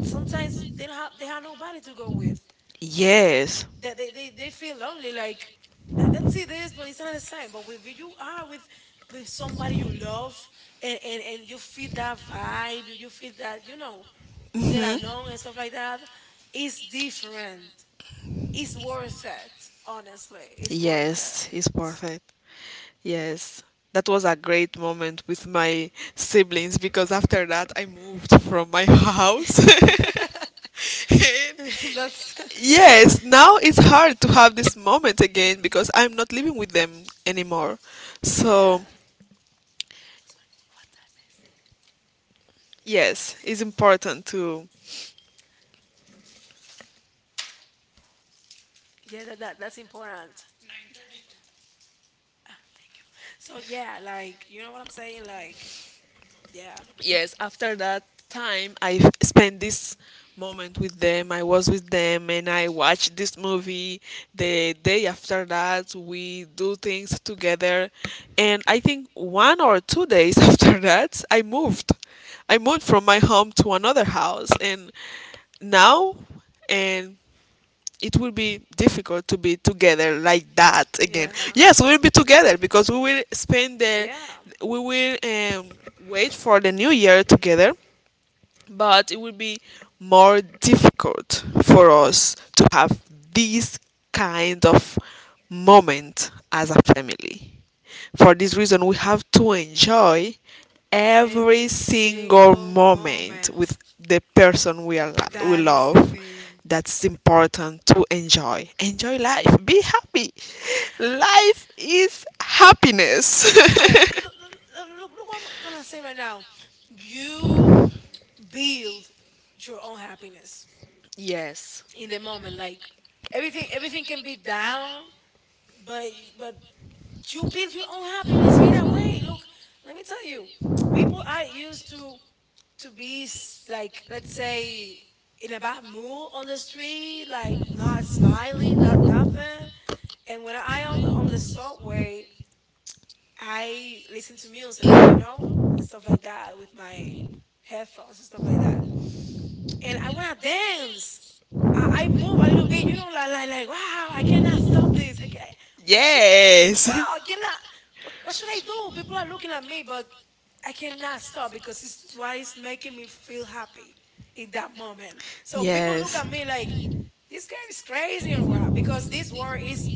[SPEAKER 1] sometimes they don't have they have nobody to go with,
[SPEAKER 2] yes,
[SPEAKER 1] that they feel lonely. Like let's see this, but it's not the same. But with you are with somebody you love, and you feel that vibe, you feel that, you know, you get along and stuff like that. It's different. It's worth it, honestly. It's worth
[SPEAKER 2] yes, it's perfect. Yes, that was a great moment with my siblings because after that I moved from my house.
[SPEAKER 1] it.
[SPEAKER 2] And
[SPEAKER 1] That's
[SPEAKER 2] yes, now it's hard to have this moment again because I'm not living with them anymore.
[SPEAKER 1] yeah,
[SPEAKER 2] So,
[SPEAKER 1] what time is it? Keep it up.
[SPEAKER 2] yes, it's important to
[SPEAKER 1] Yeah, that, that that's important. Ah, thank you. So yeah, like you know what I'm saying, like yeah,
[SPEAKER 2] yes, after that time I spent this moment with them, I was with them and I watched this movie. The day after that we do things together, and I think one or two days after that I moved I moved from my home to another house. And now, and it will be difficult to be together like that again.
[SPEAKER 1] yeah.
[SPEAKER 2] Yes, we will be together because we will spend the
[SPEAKER 1] Yeah,
[SPEAKER 2] we will wait for the new year together, but it will be more difficult for us to have this kind of moment as a family. For this reason, we have to enjoy every
[SPEAKER 1] every
[SPEAKER 2] single
[SPEAKER 1] single
[SPEAKER 2] moment
[SPEAKER 1] moment.
[SPEAKER 2] with the person we
[SPEAKER 1] That is the
[SPEAKER 2] love.
[SPEAKER 1] thing.
[SPEAKER 2] That's important to enjoy. Enjoy life. Be happy. Life is happiness.
[SPEAKER 1] Yeah, look what I'm gonna say right now. You build your own happiness
[SPEAKER 2] Yes.
[SPEAKER 1] in the moment. Like everything, everything can be down, but but you build your own happiness right away. Look, let me tell you, people are used to be like, let's say, in a bad mood on the street, like not smiling, not nothing. And when I on the subway, I listen to music, you know, and stuff like that, with my headphones and stuff like that, and I wanna dance. I move a little bit, you know, like like wow, I cannot stop this. I can't. Jeez,
[SPEAKER 2] Yes.
[SPEAKER 1] wow, I cannot. What should I do? People are looking at me, but I cannot stop because it's what is making me feel happy in that moment. So people look at me like this girl is crazy or what? Because this word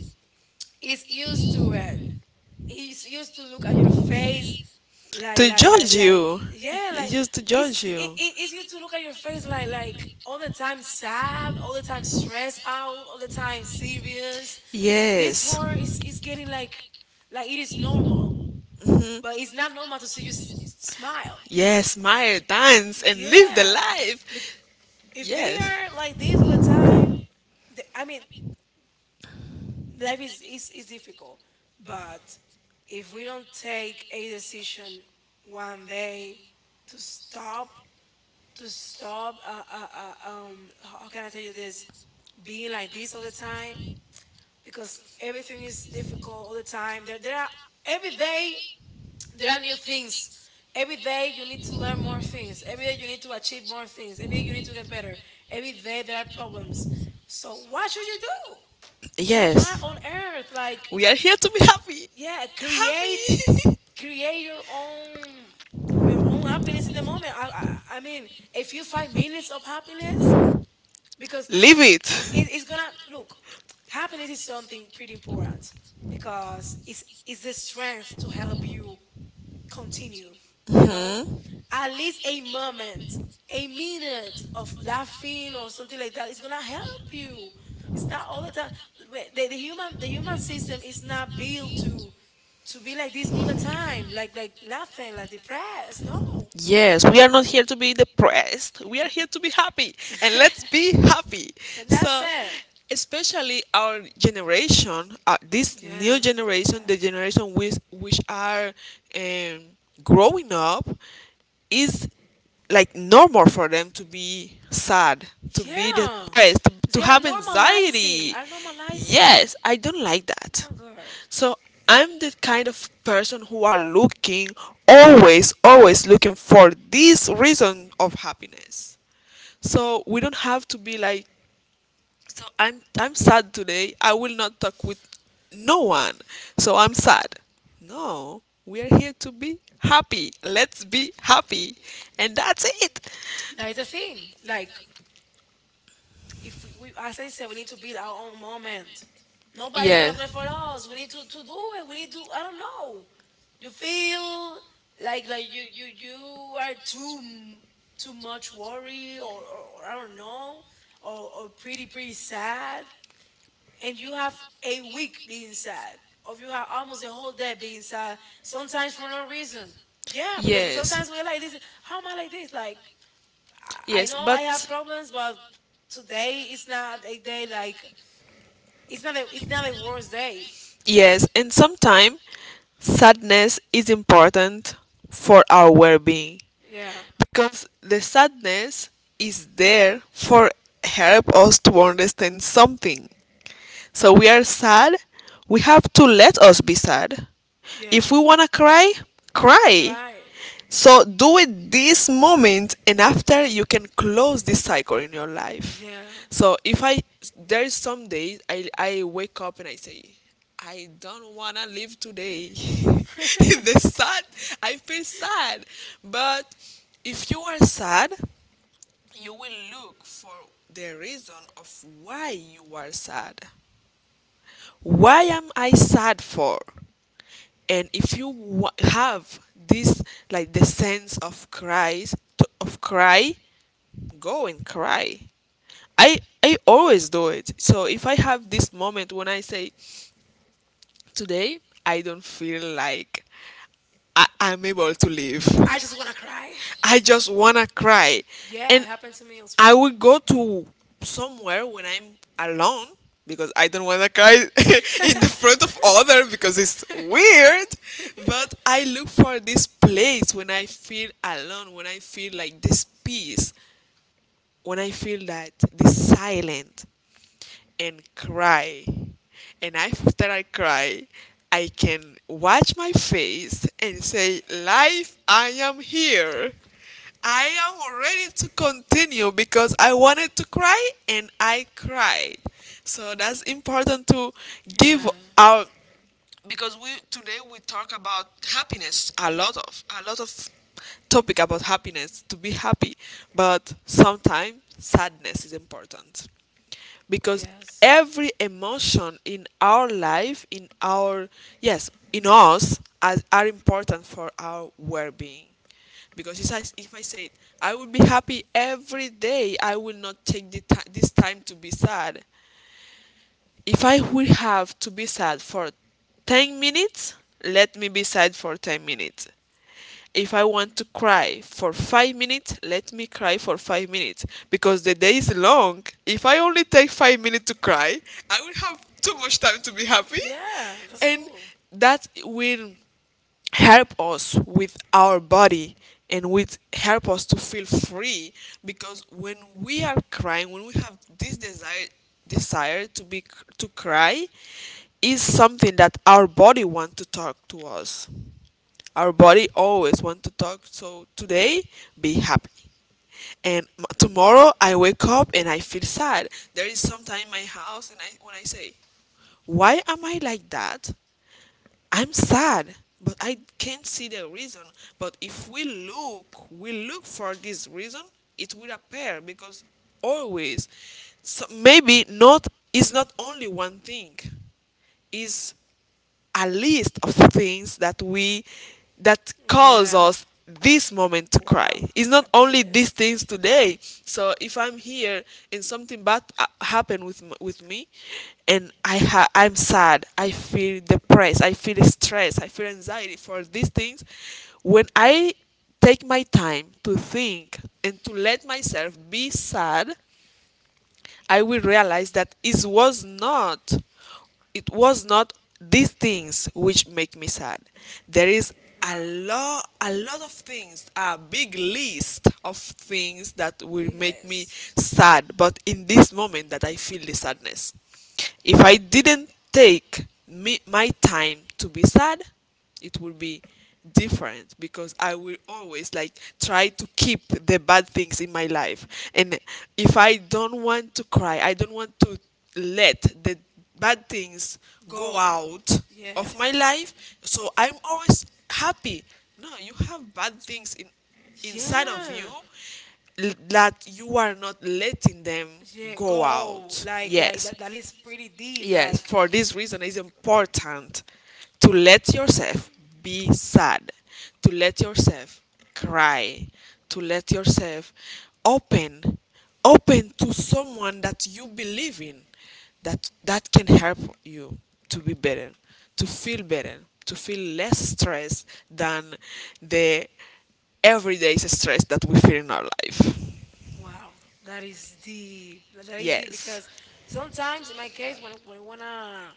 [SPEAKER 1] is used to it. He used to look at your face like like like
[SPEAKER 2] Judge
[SPEAKER 1] like
[SPEAKER 2] you.
[SPEAKER 1] yeah like
[SPEAKER 2] Just to
[SPEAKER 1] it's
[SPEAKER 2] judge it.
[SPEAKER 1] it, it- it's used to look at your face like all the time sad, all the time stressed out, all the time serious.
[SPEAKER 2] This.
[SPEAKER 1] This
[SPEAKER 2] Yes.
[SPEAKER 1] war is getting like it is normal, but it's not normal to see you smile.
[SPEAKER 2] Yes, smile, dance, and live the,
[SPEAKER 1] Yeah.
[SPEAKER 2] yeah, life.
[SPEAKER 1] Bec- if they are like this all the time th- I mean, life is difficult, but if we don't take a decision one day to stop, to stop how can I tell you this, being like this all the time. Because everything is difficult all the time, there are every day, there are new things every day. You need to learn more things every day. You need to achieve more things every day. You need to get better every day. There are problems. So what should you do? You are
[SPEAKER 2] Yes.
[SPEAKER 1] on earth like
[SPEAKER 2] We are here to be happy.
[SPEAKER 1] yeah, create
[SPEAKER 2] Happy. Create.
[SPEAKER 1] create your own happiness in the moment. I mean a few 5 minutes of happiness because
[SPEAKER 2] Live it.
[SPEAKER 1] it's
[SPEAKER 2] it,
[SPEAKER 1] gonna look happiness is something pretty important because it's the strength to help you continue, you know? At least a moment, a minute of laughing or something like that is gonna help you. It's not all the time. Wh- the human system is not built to be like this all the time, like laughing, like depressed. No.
[SPEAKER 2] Yes, we are not here to be depressed. We are here to be happy. And let's be happy.
[SPEAKER 1] And
[SPEAKER 2] So,
[SPEAKER 1] that's it.
[SPEAKER 2] especially our generation, this
[SPEAKER 1] Yeah,
[SPEAKER 2] new generation,
[SPEAKER 1] yeah,
[SPEAKER 2] the generation which are, um, growing up, is like normal for them to be sad, to be
[SPEAKER 1] yeah.
[SPEAKER 2] depressed, to
[SPEAKER 1] They are
[SPEAKER 2] have
[SPEAKER 1] normalizing.
[SPEAKER 2] anxiety.
[SPEAKER 1] Are normalizing.
[SPEAKER 2] Yes, I don't like
[SPEAKER 1] Oh
[SPEAKER 2] that.
[SPEAKER 1] my god.
[SPEAKER 2] So I'm the kind of person who are looking always, always looking for this reason of happiness. So we don't have to be like, I'm sad today. I will not talk with no one. So I'm sad. No, we are here to be happy. Let's be happy. And that's it.
[SPEAKER 1] That is the thing. Like if we, as I said, we need to be our own moment. Nobody's gonna
[SPEAKER 2] Yeah.
[SPEAKER 1] do it for us. We need to do it. We need to, I don't know. You feel like you are too too much worry, or I don't know, or pretty pretty sad, and you have a week being sad. Or you have almost a whole day being sad, sometimes for no reason. Yeah, because
[SPEAKER 2] Yes.
[SPEAKER 1] sometimes we're like this. How am I like this? Like I
[SPEAKER 2] Yes,
[SPEAKER 1] know I
[SPEAKER 2] but.
[SPEAKER 1] have problems, but today is not a day like it's not a worse day.
[SPEAKER 2] Yes, and sometimes sadness is important for our well being
[SPEAKER 1] Yeah,
[SPEAKER 2] because the sadness is there for help us to understand something. So we are sad, we have to let us be sad.
[SPEAKER 1] yeah,
[SPEAKER 2] If we wanna cry, cry.
[SPEAKER 1] cry.
[SPEAKER 2] So do it this moment, and after you can close this cycle in your life.
[SPEAKER 1] Yeah,
[SPEAKER 2] So if I There is some days I wake up and I say, I don't wanna live today. the sad I feel sad, but if you are sad, you will look for the reason of why you are sad. Why am I sad for? And if you have this, like, the sense of of cry, go and cry. I always do it. So if I have this moment when I say, today I don't feel like I'm able to live,
[SPEAKER 1] I just wanna cry.
[SPEAKER 2] I just wanna cry. Yeah,
[SPEAKER 1] Yeah,
[SPEAKER 2] and
[SPEAKER 1] it
[SPEAKER 2] that happened
[SPEAKER 1] happened
[SPEAKER 2] to
[SPEAKER 1] to
[SPEAKER 2] me,
[SPEAKER 1] me
[SPEAKER 2] as
[SPEAKER 1] as
[SPEAKER 2] I
[SPEAKER 1] well.
[SPEAKER 2] will go to somewhere when I'm alone because I don't wanna cry in the front of other because it's weird. But I look for this place when I feel alone, when I feel like this peace, when I feel that the silent, and cry, and after I cry, I can watch my face and say, Life, I am here. I am ready to continue because I wanted to cry and I cried. So that's important to give
[SPEAKER 1] yeah.
[SPEAKER 2] our, because we today we talk about happiness, a lot of topic about happiness, to be happy. But sometimes sadness is important, because
[SPEAKER 1] Yes.
[SPEAKER 2] every emotion in our life, in our, yes, in us as, are important for our well-being. Because if I said I will be happy every day, I will not take this time to be sad. If I would have to be sad for 10 minutes, let me be sad for 10 minutes. If I want to cry for 5 minutes, let me cry for 5 minutes because the day is long. If I only take 5 minutes to cry, I will have too much time to be happy.
[SPEAKER 1] Yeah, that's
[SPEAKER 2] And
[SPEAKER 1] cool.
[SPEAKER 2] that will help us with our body, and with, help us to feel free, because when we are crying, when we have this desire to be, to cry, is something that our body want to talk to us. Our body always want to talk. So today be happy, and tomorrow I wake up and I feel sad. There is sometime in my house, and I when I say, why am I like that? I'm sad, but I can't see the reason. But if we look, for this reason, it will appear, because always, so maybe not, is not only one thing. Is a list of things that we that cause
[SPEAKER 1] Yeah.
[SPEAKER 2] us this moment to cry.
[SPEAKER 1] Wow.
[SPEAKER 2] It's
[SPEAKER 1] A
[SPEAKER 2] not
[SPEAKER 1] big
[SPEAKER 2] only these
[SPEAKER 1] list.
[SPEAKER 2] things today. So if I'm here and something bad happened with me, and I'm sad, I feel depressed, I feel stress, I feel anxiety for these things, when I take my time to think and to let myself be sad, I will realize that it was not these things which make me sad. There is
[SPEAKER 1] Wow.
[SPEAKER 2] a lot of things, a big list of things that will
[SPEAKER 1] Big
[SPEAKER 2] make me
[SPEAKER 1] list.
[SPEAKER 2] sad, but in this moment that I feel the sadness. If I didn't take me my time to be sad, it will be different because I will always, like, try to keep the bad things in my life. And if I don't want to cry, I don't want to let the bad things go
[SPEAKER 1] Go.
[SPEAKER 2] out
[SPEAKER 1] Yeah.
[SPEAKER 2] of my life. So I'm always happy. No, you have bad things in, inside of you
[SPEAKER 1] Yeah.
[SPEAKER 2] that you are not letting them
[SPEAKER 1] Yeah.
[SPEAKER 2] go
[SPEAKER 1] Go.
[SPEAKER 2] out.
[SPEAKER 1] Like
[SPEAKER 2] Yes.
[SPEAKER 1] that, that is pretty deep.
[SPEAKER 2] Yes,
[SPEAKER 1] Like
[SPEAKER 2] for this reason, it's important to let yourself be sad, to let yourself cry, to let yourself open, open to someone that you believe in, that can help you to be better, to feel less stress than the everyday stress that we feel in our life.
[SPEAKER 1] wow. That is deep. That that is deep
[SPEAKER 2] Yes.
[SPEAKER 1] because sometimes in my case when when I wanna,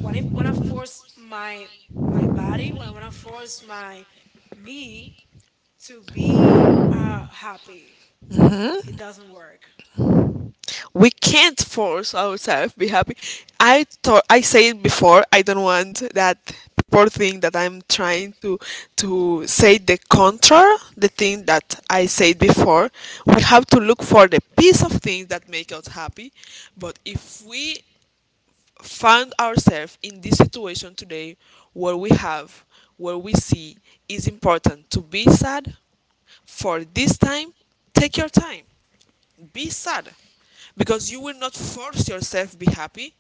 [SPEAKER 1] when if when I force my my body when I wanna force my me to be happy, it doesn't work.
[SPEAKER 2] We can't force ourselves to be happy. I thought I said before, I don't want that people think that I'm trying to say the contrary, the thing that I said before. We have to look for the piece of things that make us happy. But if we find ourselves in this situation today, where we have where we see is important to be sad for this time, take your time. Be sad because you will not force yourself to be happy.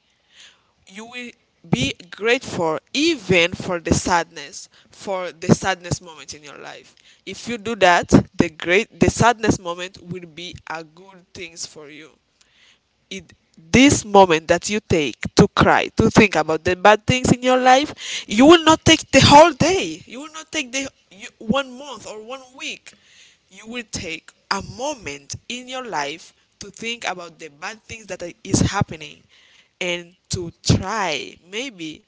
[SPEAKER 2] You will be grateful even for the sadness moment in your life. If you do that, the sadness moment will be a good things for you. It This moment that you take to cry, to think about the bad things in your life, you will not take the whole day, you will not take one month or one week, you will take a moment in your life to think about the bad things that is happening, and to try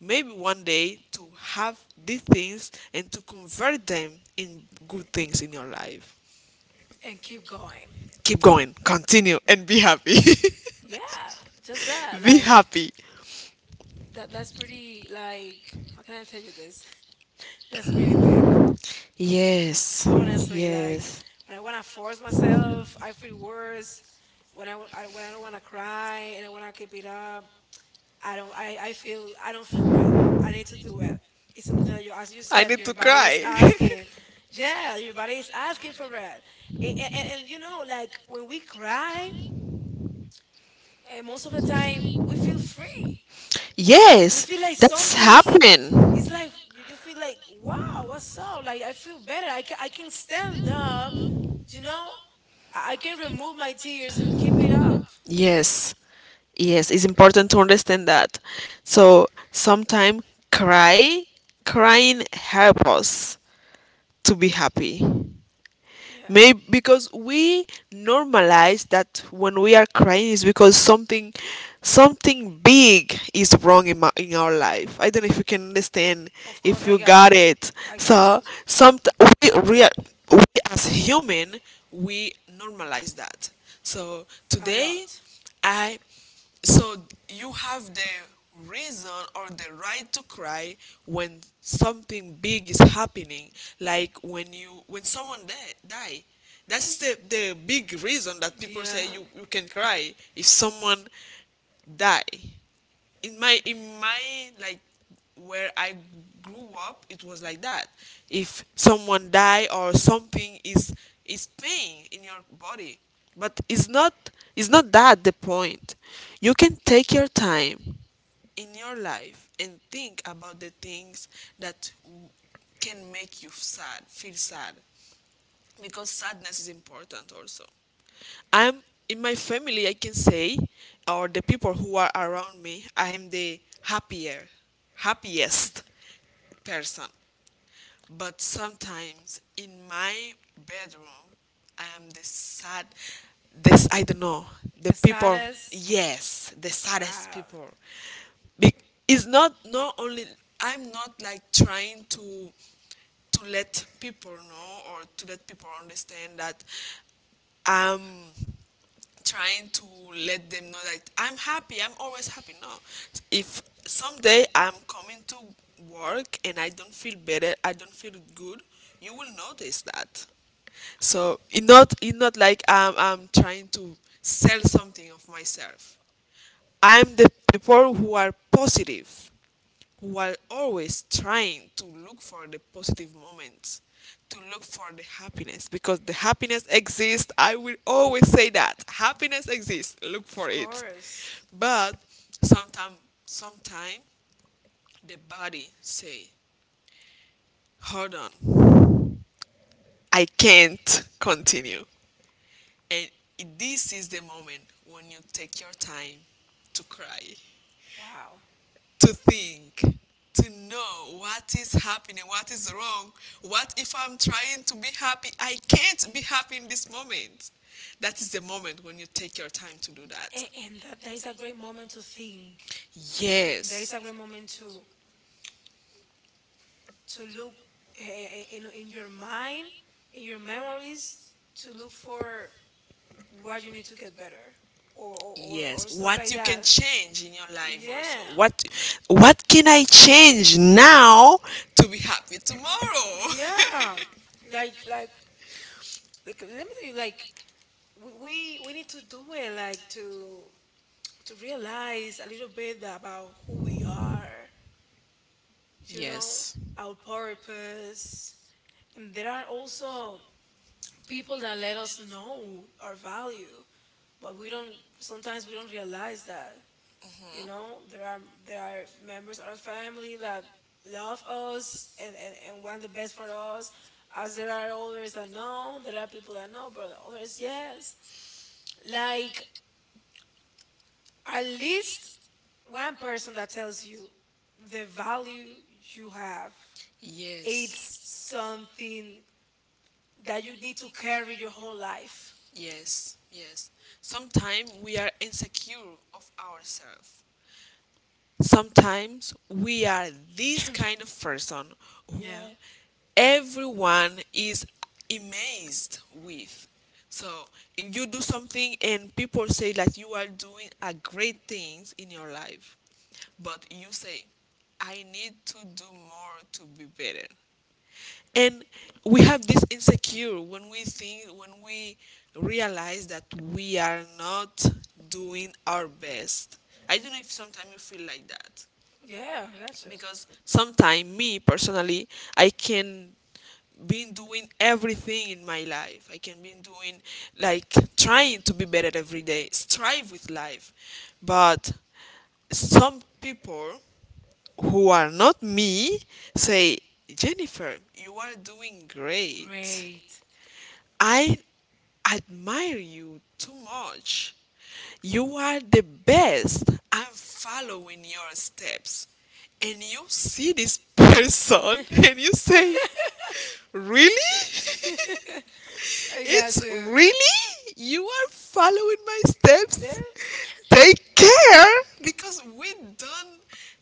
[SPEAKER 2] maybe one day to have these things and to convert them in good things in your life.
[SPEAKER 1] And keep going.
[SPEAKER 2] Keep going, continue, and be happy.
[SPEAKER 1] Yeah, just that.
[SPEAKER 2] Be
[SPEAKER 1] Like,
[SPEAKER 2] happy.
[SPEAKER 1] that that's pretty like how can I tell you this? That's pretty deep.
[SPEAKER 2] Yes.
[SPEAKER 1] Honestly, like
[SPEAKER 2] Yes.
[SPEAKER 1] when I wanna force myself, I feel worse. When when I don't wanna cry and I wanna keep it up, I feel I don't feel well. I need to do it. It's something that you, as you said, your body is asking. Yeah, your body is asking for it. And you know, like when we cry, most of the time we feel free. We
[SPEAKER 2] Yes.
[SPEAKER 1] feel like
[SPEAKER 2] That's
[SPEAKER 1] something is it's
[SPEAKER 2] happened.
[SPEAKER 1] like you feel like wow, what's up, like I feel better, I can, I can stand up, you know, I can remove my tears and keep it up.
[SPEAKER 2] Yes. Yes, it's important to understand that. So sometimes, cry, crying help us to be happy. Maybe
[SPEAKER 1] Yeah,
[SPEAKER 2] because we normalize that when we are crying is because something big is wrong in our life. I don't know if you can understand,
[SPEAKER 1] of
[SPEAKER 2] if
[SPEAKER 1] course, I
[SPEAKER 2] you
[SPEAKER 1] got
[SPEAKER 2] got
[SPEAKER 1] you.
[SPEAKER 2] it.
[SPEAKER 1] I got you
[SPEAKER 2] So some we, we as human we normalize that. So
[SPEAKER 1] a
[SPEAKER 2] today
[SPEAKER 1] lot.
[SPEAKER 2] I so you have the reason or the right to cry when something big is happening, like when someone die. That is the big reason that people
[SPEAKER 1] Yeah,
[SPEAKER 2] say, you can cry if someone die. In my Like, where I grew up, it was like that. If someone die, or something is pain in your body, but it's not that the point. You can take your time in your life and think about the things that can make you sad, feel sad, because sadness is important also. I'm, in my family, I can say, or the people who are around me, I am happiest person. But sometimes in my bedroom, I am the sad, this, I don't know, the
[SPEAKER 1] the
[SPEAKER 2] people.
[SPEAKER 1] saddest.
[SPEAKER 2] Yes, the saddest
[SPEAKER 1] Wow,
[SPEAKER 2] people. Be- it's not only, I'm not like trying to let people know or to let people understand that. Um, Trying to let them know that I'm happy. I'm always happy. No, if someday I'm coming to work and I don't feel better, I don't feel good, you will notice that. So it's not like I'm trying to sell something of myself. I'm the people who are positive, while always trying to look for the positive moments, to look for the happiness, because the happiness exists. I will always say that happiness exists. Look for
[SPEAKER 1] of
[SPEAKER 2] it.
[SPEAKER 1] course.
[SPEAKER 2] But sometime, sometime, the body say, "Hold on, I can't continue," and this is the moment when you take your time to cry,
[SPEAKER 1] Wow.
[SPEAKER 2] to think, to know what is happening, what is wrong. What if I'm trying to be happy? I can't be happy in this moment. That is the moment when you take your time to do that.
[SPEAKER 1] And that, that is a great moment to think.
[SPEAKER 2] Think.
[SPEAKER 1] That is
[SPEAKER 2] Yes.
[SPEAKER 1] a great moment to look in your mind, in your memories, to look for what you need to get better,
[SPEAKER 2] Yes.
[SPEAKER 1] or stuff
[SPEAKER 2] What
[SPEAKER 1] like
[SPEAKER 2] you can
[SPEAKER 1] that.
[SPEAKER 2] change in your life also.
[SPEAKER 1] Yeah,
[SPEAKER 2] Yeah. What can I change now to be happy tomorrow?
[SPEAKER 1] yeah, like like like, let me tell you, like we need to do it, like to realize a little bit about who we are, you know,
[SPEAKER 2] Yes.
[SPEAKER 1] our purpose. And there are also people that let us know our value, but we don't, sometimes we don't realize that. You know, there are members of our family that love us and want the best for us. As there are others that know, there are people that know, but others yes. Like at least one person that tells you the value you have, it's
[SPEAKER 2] Yes.
[SPEAKER 1] something that you need to carry your whole life.
[SPEAKER 2] Yes, yes. Sometimes we are insecure of ourselves. Sometimes we are this kind of person who
[SPEAKER 1] Yeah.
[SPEAKER 2] everyone is amazed with. So if you do something and people say that you are doing a great things in your life, but you say, I need to do more to be better, and we have this insecure when we realize that we are not doing our best. I don't know if sometimes you feel like that,
[SPEAKER 1] Yeah, I got you.
[SPEAKER 2] because sometimes me personally, I can been doing everything in my life, I can be doing, like, trying to be better every day, strive with life, but some people who are not me say, Jennifer, you are doing great.
[SPEAKER 1] Great.
[SPEAKER 2] I admire you too much. You are the best. I'm following your steps. And you see this person and you say, Really?
[SPEAKER 1] I got
[SPEAKER 2] It's
[SPEAKER 1] you.
[SPEAKER 2] really? You are following my steps?
[SPEAKER 1] Dibs.
[SPEAKER 2] Take care! Because we don't,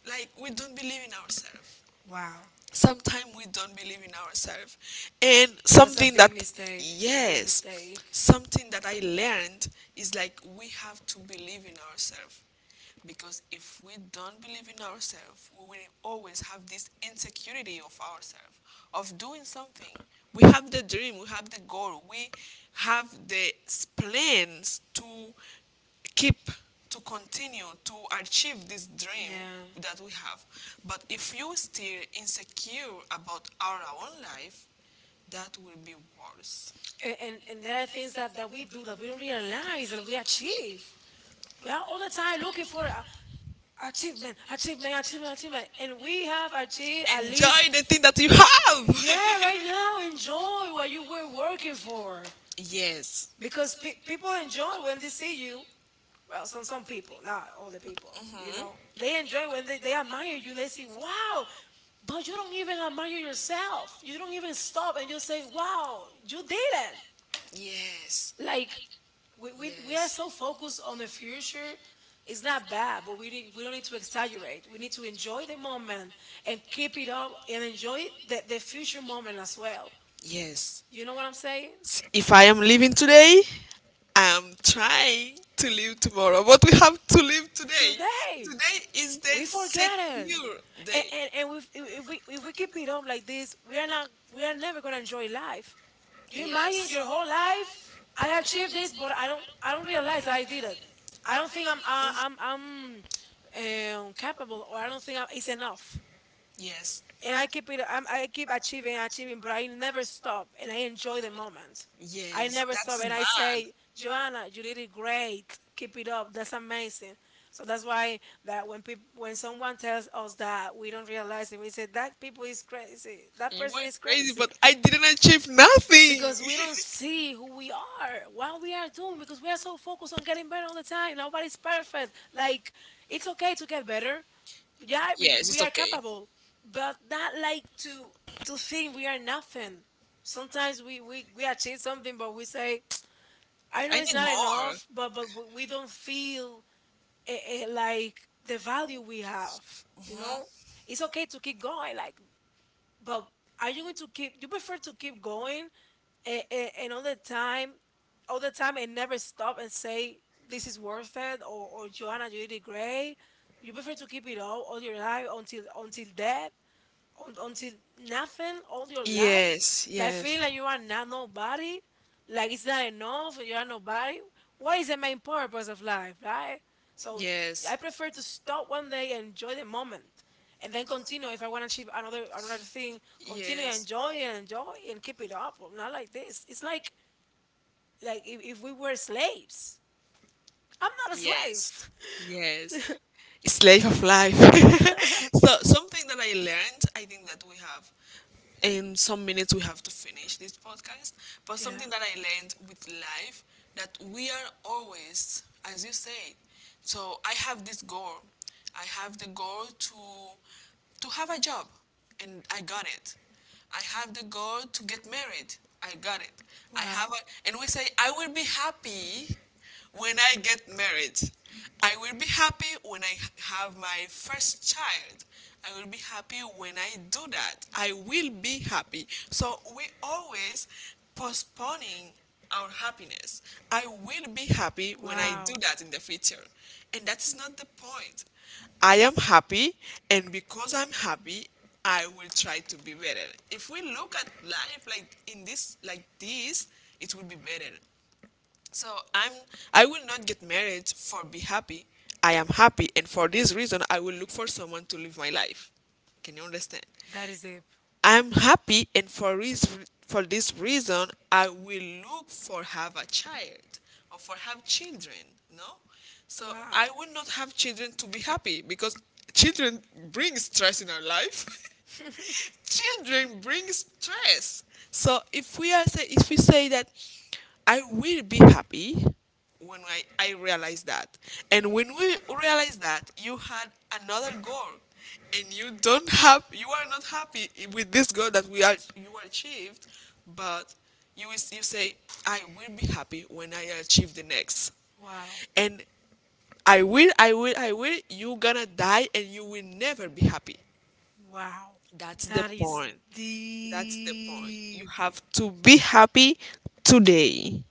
[SPEAKER 2] like, we don't believe in ourselves.
[SPEAKER 1] Wow.
[SPEAKER 2] Sometimes we don't believe in ourselves, and
[SPEAKER 1] That's a
[SPEAKER 2] something that,
[SPEAKER 1] big mistake. A big
[SPEAKER 2] yes,
[SPEAKER 1] mistake.
[SPEAKER 2] something that I learned is, like, we have to believe in ourselves, because if we don't believe in ourselves, we will always have this insecurity of ourselves, of doing something. We have the dream, we have the goal, we have the plans to keep, to continue, to achieve this dream.
[SPEAKER 1] Yeah.
[SPEAKER 2] Yeah. That we have. But if you still insecure about our own life, that will be worse.
[SPEAKER 1] And there are things that that we do that we don't realize that we achieve. We are all the time looking for a achievement, achievement, achievement, achievement, and we have achieved at least.
[SPEAKER 2] Enjoy the thing that you
[SPEAKER 1] Yeah,
[SPEAKER 2] have.
[SPEAKER 1] right now enjoy what you were working for,
[SPEAKER 2] Yes.
[SPEAKER 1] because people enjoy when they see you well, some people not all the people you know, they enjoy when they admire you, they say wow, but you don't even admire yourself, you don't even stop and you say wow, you did it.
[SPEAKER 2] Yes.
[SPEAKER 1] Like we are
[SPEAKER 2] Yes.
[SPEAKER 1] so focused on the future. It's not bad, but we need we don't need to exaggerate, we need to enjoy the moment and keep it up and enjoy the future moment as well.
[SPEAKER 2] Yes.
[SPEAKER 1] You know what I'm saying?
[SPEAKER 2] If I am living today, I am trying to live tomorrow, but we have to live today.
[SPEAKER 1] Today
[SPEAKER 2] Today is the
[SPEAKER 1] we forget it.
[SPEAKER 2] secure
[SPEAKER 1] And
[SPEAKER 2] day.
[SPEAKER 1] and if we keep it on like this, we are not we are never gonna enjoy life. Do you imagine your whole life? I achieved this, but I don't realize I did it. I don't think I'm capable, or I don't think I, it's enough,
[SPEAKER 2] Yes.
[SPEAKER 1] and I keep it. I keep achieving, achieving, but I never stop, and I enjoy the moment.
[SPEAKER 2] I.
[SPEAKER 1] I
[SPEAKER 2] Yes,
[SPEAKER 1] never stop, and
[SPEAKER 2] bad.
[SPEAKER 1] I say, Joanna, you did it great. Keep it up. That's amazing. So that's why that when people, when someone tells us that, we don't realize it. We say that people is crazy. That person
[SPEAKER 2] Were
[SPEAKER 1] is
[SPEAKER 2] crazy,
[SPEAKER 1] crazy
[SPEAKER 2] but I didn't achieve nothing.
[SPEAKER 1] because we don't see who we are, what we are doing, because we are so focused on getting better all the time. Nobody's perfect. Like it's okay to get better, yeah, we are capable, but not like to think we are nothing. Sometimes we achieve something, but we say I know it's not enough, but we don't
[SPEAKER 2] Know.
[SPEAKER 1] feel like the value we have, it's okay to keep going, like, but are you going to keep? You prefer to keep going and all the time, all the time, and never stop and say this is worth it? Or Joanna, you did great. You prefer to keep it all your life until death, until nothing all your life, like feeling like you are not nobody, like it's not enough, you are nobody. What is the main purpose of life, right? So if- I prefer to stop one day and enjoy the moment, and then continue if I want to achieve another thing. Continue and enjoy and enjoy and keep it up. Not like this. It's like if we were slaves. I'm not a slave.
[SPEAKER 2] Yes. Slave of life. So something that I learned, I think that we have, in some minutes we have to finish this podcast, but
[SPEAKER 1] Yeah.
[SPEAKER 2] something that I learned with life, that we are always, as you said, so I have this goal. I have the goal to have a job, and I got it. I have the goal to get married, I got it. I
[SPEAKER 1] Wow.
[SPEAKER 2] have a And we say, I will be happy when I get married, I will be happy when I have my first child. I will be happy when I do that. I will be happy. So we always postponing our happiness. I will be happy when I do
[SPEAKER 1] Wow.
[SPEAKER 2] that in the future. And that is not the point. I am happy, and because I'm happy, I will try to be better. If we look at life like this, it will be better. So I'm I will not get married for be happy. I am happy, and for this reason I will look for someone to live my life. Can you understand?
[SPEAKER 1] That is it.
[SPEAKER 2] I am happy, and for this reason I will look for have a child, or for have children, no? So
[SPEAKER 1] Wow.
[SPEAKER 2] I will not have children to be happy, because children bring stress in our life. Children bring stress. So if we say that I will be happy when I realized that. And when we realized that, you had another goal, and you don't have you are not happy with this goal that we are you achieved, but you say, I will be happy when I achieve the next.
[SPEAKER 1] Wow.
[SPEAKER 2] And you're gonna die and you will never be happy.
[SPEAKER 1] Wow.
[SPEAKER 2] That's the
[SPEAKER 1] That is
[SPEAKER 2] point. That's the point. You
[SPEAKER 1] deep.
[SPEAKER 2] have to be happy today.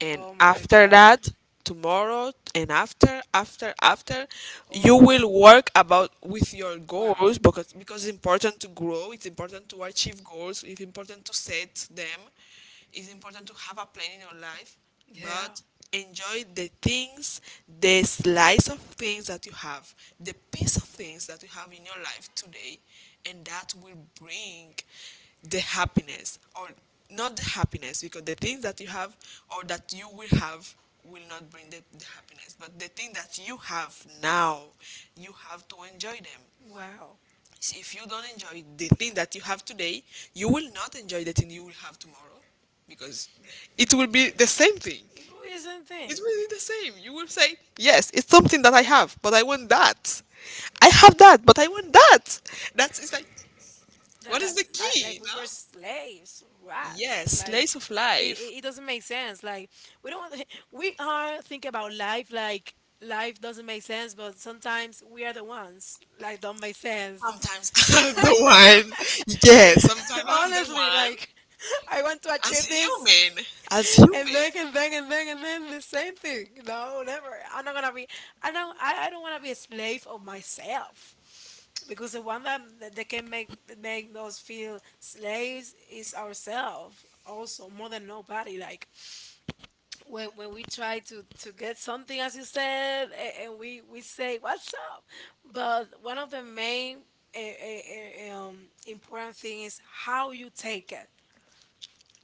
[SPEAKER 2] And
[SPEAKER 1] Oh my
[SPEAKER 2] after
[SPEAKER 1] God.
[SPEAKER 2] that, tomorrow and after, after, after, you
[SPEAKER 1] Oh,
[SPEAKER 2] will work about with your goals,
[SPEAKER 1] wow.
[SPEAKER 2] because it's important to grow, it's important to achieve goals, it's important to set them. It's important to have a plan in your life. Yeah.
[SPEAKER 1] Yeah.
[SPEAKER 2] But enjoy the things, the slice of things that you have, the piece of things that you have in your life today, and that will bring the happiness, or not the happiness, because the things that you have or that you will have will not bring the, happiness, but the thing that you have now, you have to enjoy them.
[SPEAKER 1] Wow.
[SPEAKER 2] So if you don't enjoy the thing that you have today, you will not enjoy the thing you will have tomorrow, because it will be the same thing.
[SPEAKER 1] Isn't
[SPEAKER 2] It
[SPEAKER 1] it?
[SPEAKER 2] will be the same. You will say, yes, it's something that I have, but I want that. I have that, but I want that. That's it's like,
[SPEAKER 1] That
[SPEAKER 2] what is the key? You
[SPEAKER 1] like we were
[SPEAKER 2] know?
[SPEAKER 1] slaves, right?
[SPEAKER 2] Yes,
[SPEAKER 1] Like
[SPEAKER 2] slice of
[SPEAKER 1] it,
[SPEAKER 2] life.
[SPEAKER 1] it it doesn't make sense. Like we don't we are thinking about life like life doesn't make sense, but sometimes we are the ones like don't make sense.
[SPEAKER 2] Sometimes I'm the one. Yes, sometimes I'm the
[SPEAKER 1] Honestly,
[SPEAKER 2] one.
[SPEAKER 1] like I want to achieve this,
[SPEAKER 2] Human. As human.
[SPEAKER 1] and then the same thing. No, never. I'm not gonna be. I know. I don't wanna be a slave of myself, because the one that can make us feel slaves is ourselves, also more than nobody. Like when we try to get something, as you said, and we say what's up? But one of the main important thing is how you take it,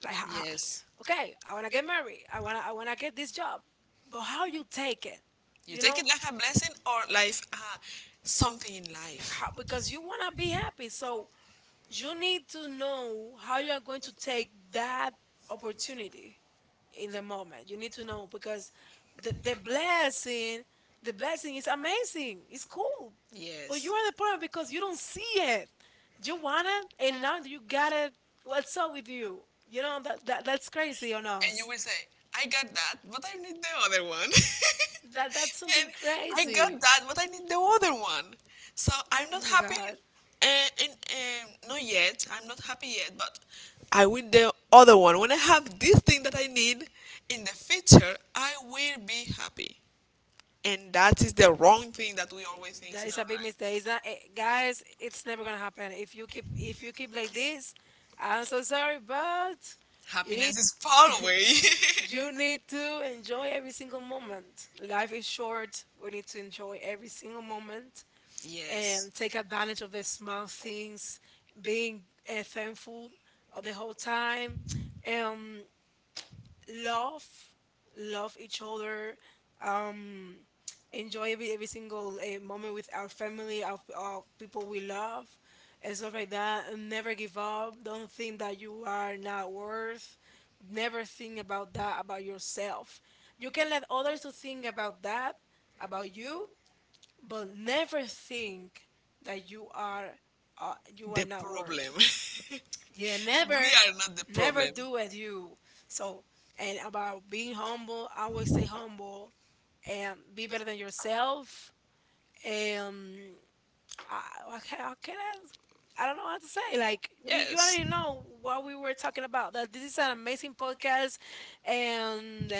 [SPEAKER 1] like
[SPEAKER 2] Yes.
[SPEAKER 1] okay, I want to get married, I want to get this job, but how you take it,
[SPEAKER 2] You
[SPEAKER 1] you
[SPEAKER 2] take
[SPEAKER 1] know
[SPEAKER 2] it, know, like a blessing or life, something in life.
[SPEAKER 1] how,
[SPEAKER 2] Because
[SPEAKER 1] because
[SPEAKER 2] you
[SPEAKER 1] you
[SPEAKER 2] want
[SPEAKER 1] want
[SPEAKER 2] to
[SPEAKER 1] to be
[SPEAKER 2] be happy.
[SPEAKER 1] happy,
[SPEAKER 2] So.
[SPEAKER 1] so you need to know how you are going to take that opportunity in the moment. You need to know, because the blessing, the blessing is amazing. It's cool.
[SPEAKER 2] But.
[SPEAKER 1] But
[SPEAKER 2] Yes.
[SPEAKER 1] you are the problem because you don't see it. You want it and now you got it. What's up with you? You know that, that's crazy on
[SPEAKER 2] And you
[SPEAKER 1] us.
[SPEAKER 2] will say, I got that, but I need the other one. And
[SPEAKER 1] That that's something
[SPEAKER 2] that's, I got
[SPEAKER 1] crazy.
[SPEAKER 2] that, but I need the other one. So I'm
[SPEAKER 1] Oh
[SPEAKER 2] not
[SPEAKER 1] my
[SPEAKER 2] happy.
[SPEAKER 1] god.
[SPEAKER 2] And Not yet. I'm not happy yet, but I will the other one. When I have this thing that I need in the future, I will be happy. And that is the wrong thing that we always think
[SPEAKER 1] That
[SPEAKER 2] is
[SPEAKER 1] is
[SPEAKER 2] not
[SPEAKER 1] a big mistake.
[SPEAKER 2] right.
[SPEAKER 1] It's not, guys, it's never gonna happen. If you keep like this, I'm so sorry, but you need
[SPEAKER 2] Happiness is far away.
[SPEAKER 1] you need
[SPEAKER 2] Yes.
[SPEAKER 1] to enjoy every single moment. Life is short. We need to enjoy every single moment and take advantage of the small things, being thankful of the whole time. Um, love love each other, um enjoy every single moment with our family, our people we love, and stuff like that. And never give up. Don't think that you are not worth. Never think about that about yourself. You can let others to think about that about you, but never think that you
[SPEAKER 2] The
[SPEAKER 1] are not
[SPEAKER 2] problem.
[SPEAKER 1] worth. Yeah,
[SPEAKER 2] We
[SPEAKER 1] never,
[SPEAKER 2] are not the problem.
[SPEAKER 1] never do as you. So, and about being humble, always stay humble and be better than yourself. And I, I can't, I don't know what to say. Like we, you already know what we were talking about. That this is an amazing
[SPEAKER 2] Yes.
[SPEAKER 1] podcast, and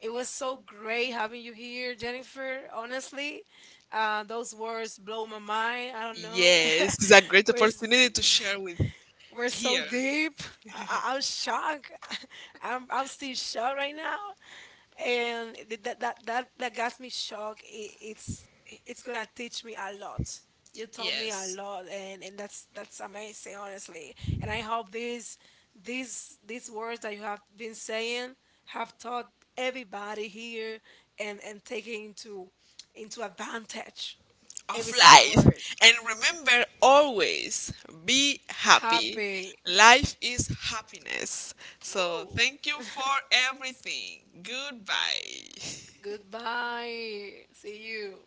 [SPEAKER 1] it was so great having you here, Jennifer. Honestly,
[SPEAKER 2] Uh,
[SPEAKER 1] those
[SPEAKER 2] those
[SPEAKER 1] words
[SPEAKER 2] words blow
[SPEAKER 1] blow
[SPEAKER 2] my
[SPEAKER 1] my mind. I don't
[SPEAKER 2] mind.
[SPEAKER 1] know.
[SPEAKER 2] Yes, it's a great
[SPEAKER 1] Where's
[SPEAKER 2] opportunity to share with. We're
[SPEAKER 1] we're
[SPEAKER 2] so
[SPEAKER 1] so
[SPEAKER 2] here. Brave.
[SPEAKER 1] deep. I'm shocked. I'm still shocked right now, and that that got me shocked. It's gonna teach me a lot.
[SPEAKER 2] You
[SPEAKER 1] You
[SPEAKER 2] taught me
[SPEAKER 1] taught
[SPEAKER 2] a.
[SPEAKER 1] me a
[SPEAKER 2] Yes. Lot,
[SPEAKER 1] lot, and
[SPEAKER 2] and that's
[SPEAKER 1] that's
[SPEAKER 2] that's amazing,
[SPEAKER 1] amazing, honestly.
[SPEAKER 2] honestly.
[SPEAKER 1] And I hope these these words that you have been saying have taught everybody here, and taking into advantage every
[SPEAKER 2] Of
[SPEAKER 1] single
[SPEAKER 2] life.
[SPEAKER 1] word.
[SPEAKER 2] And remember, always be happy. Happy.
[SPEAKER 1] Happy.
[SPEAKER 2] Life is happiness. So
[SPEAKER 1] Woo.
[SPEAKER 2] thank you for everything. Goodbye.
[SPEAKER 1] Goodbye. See you.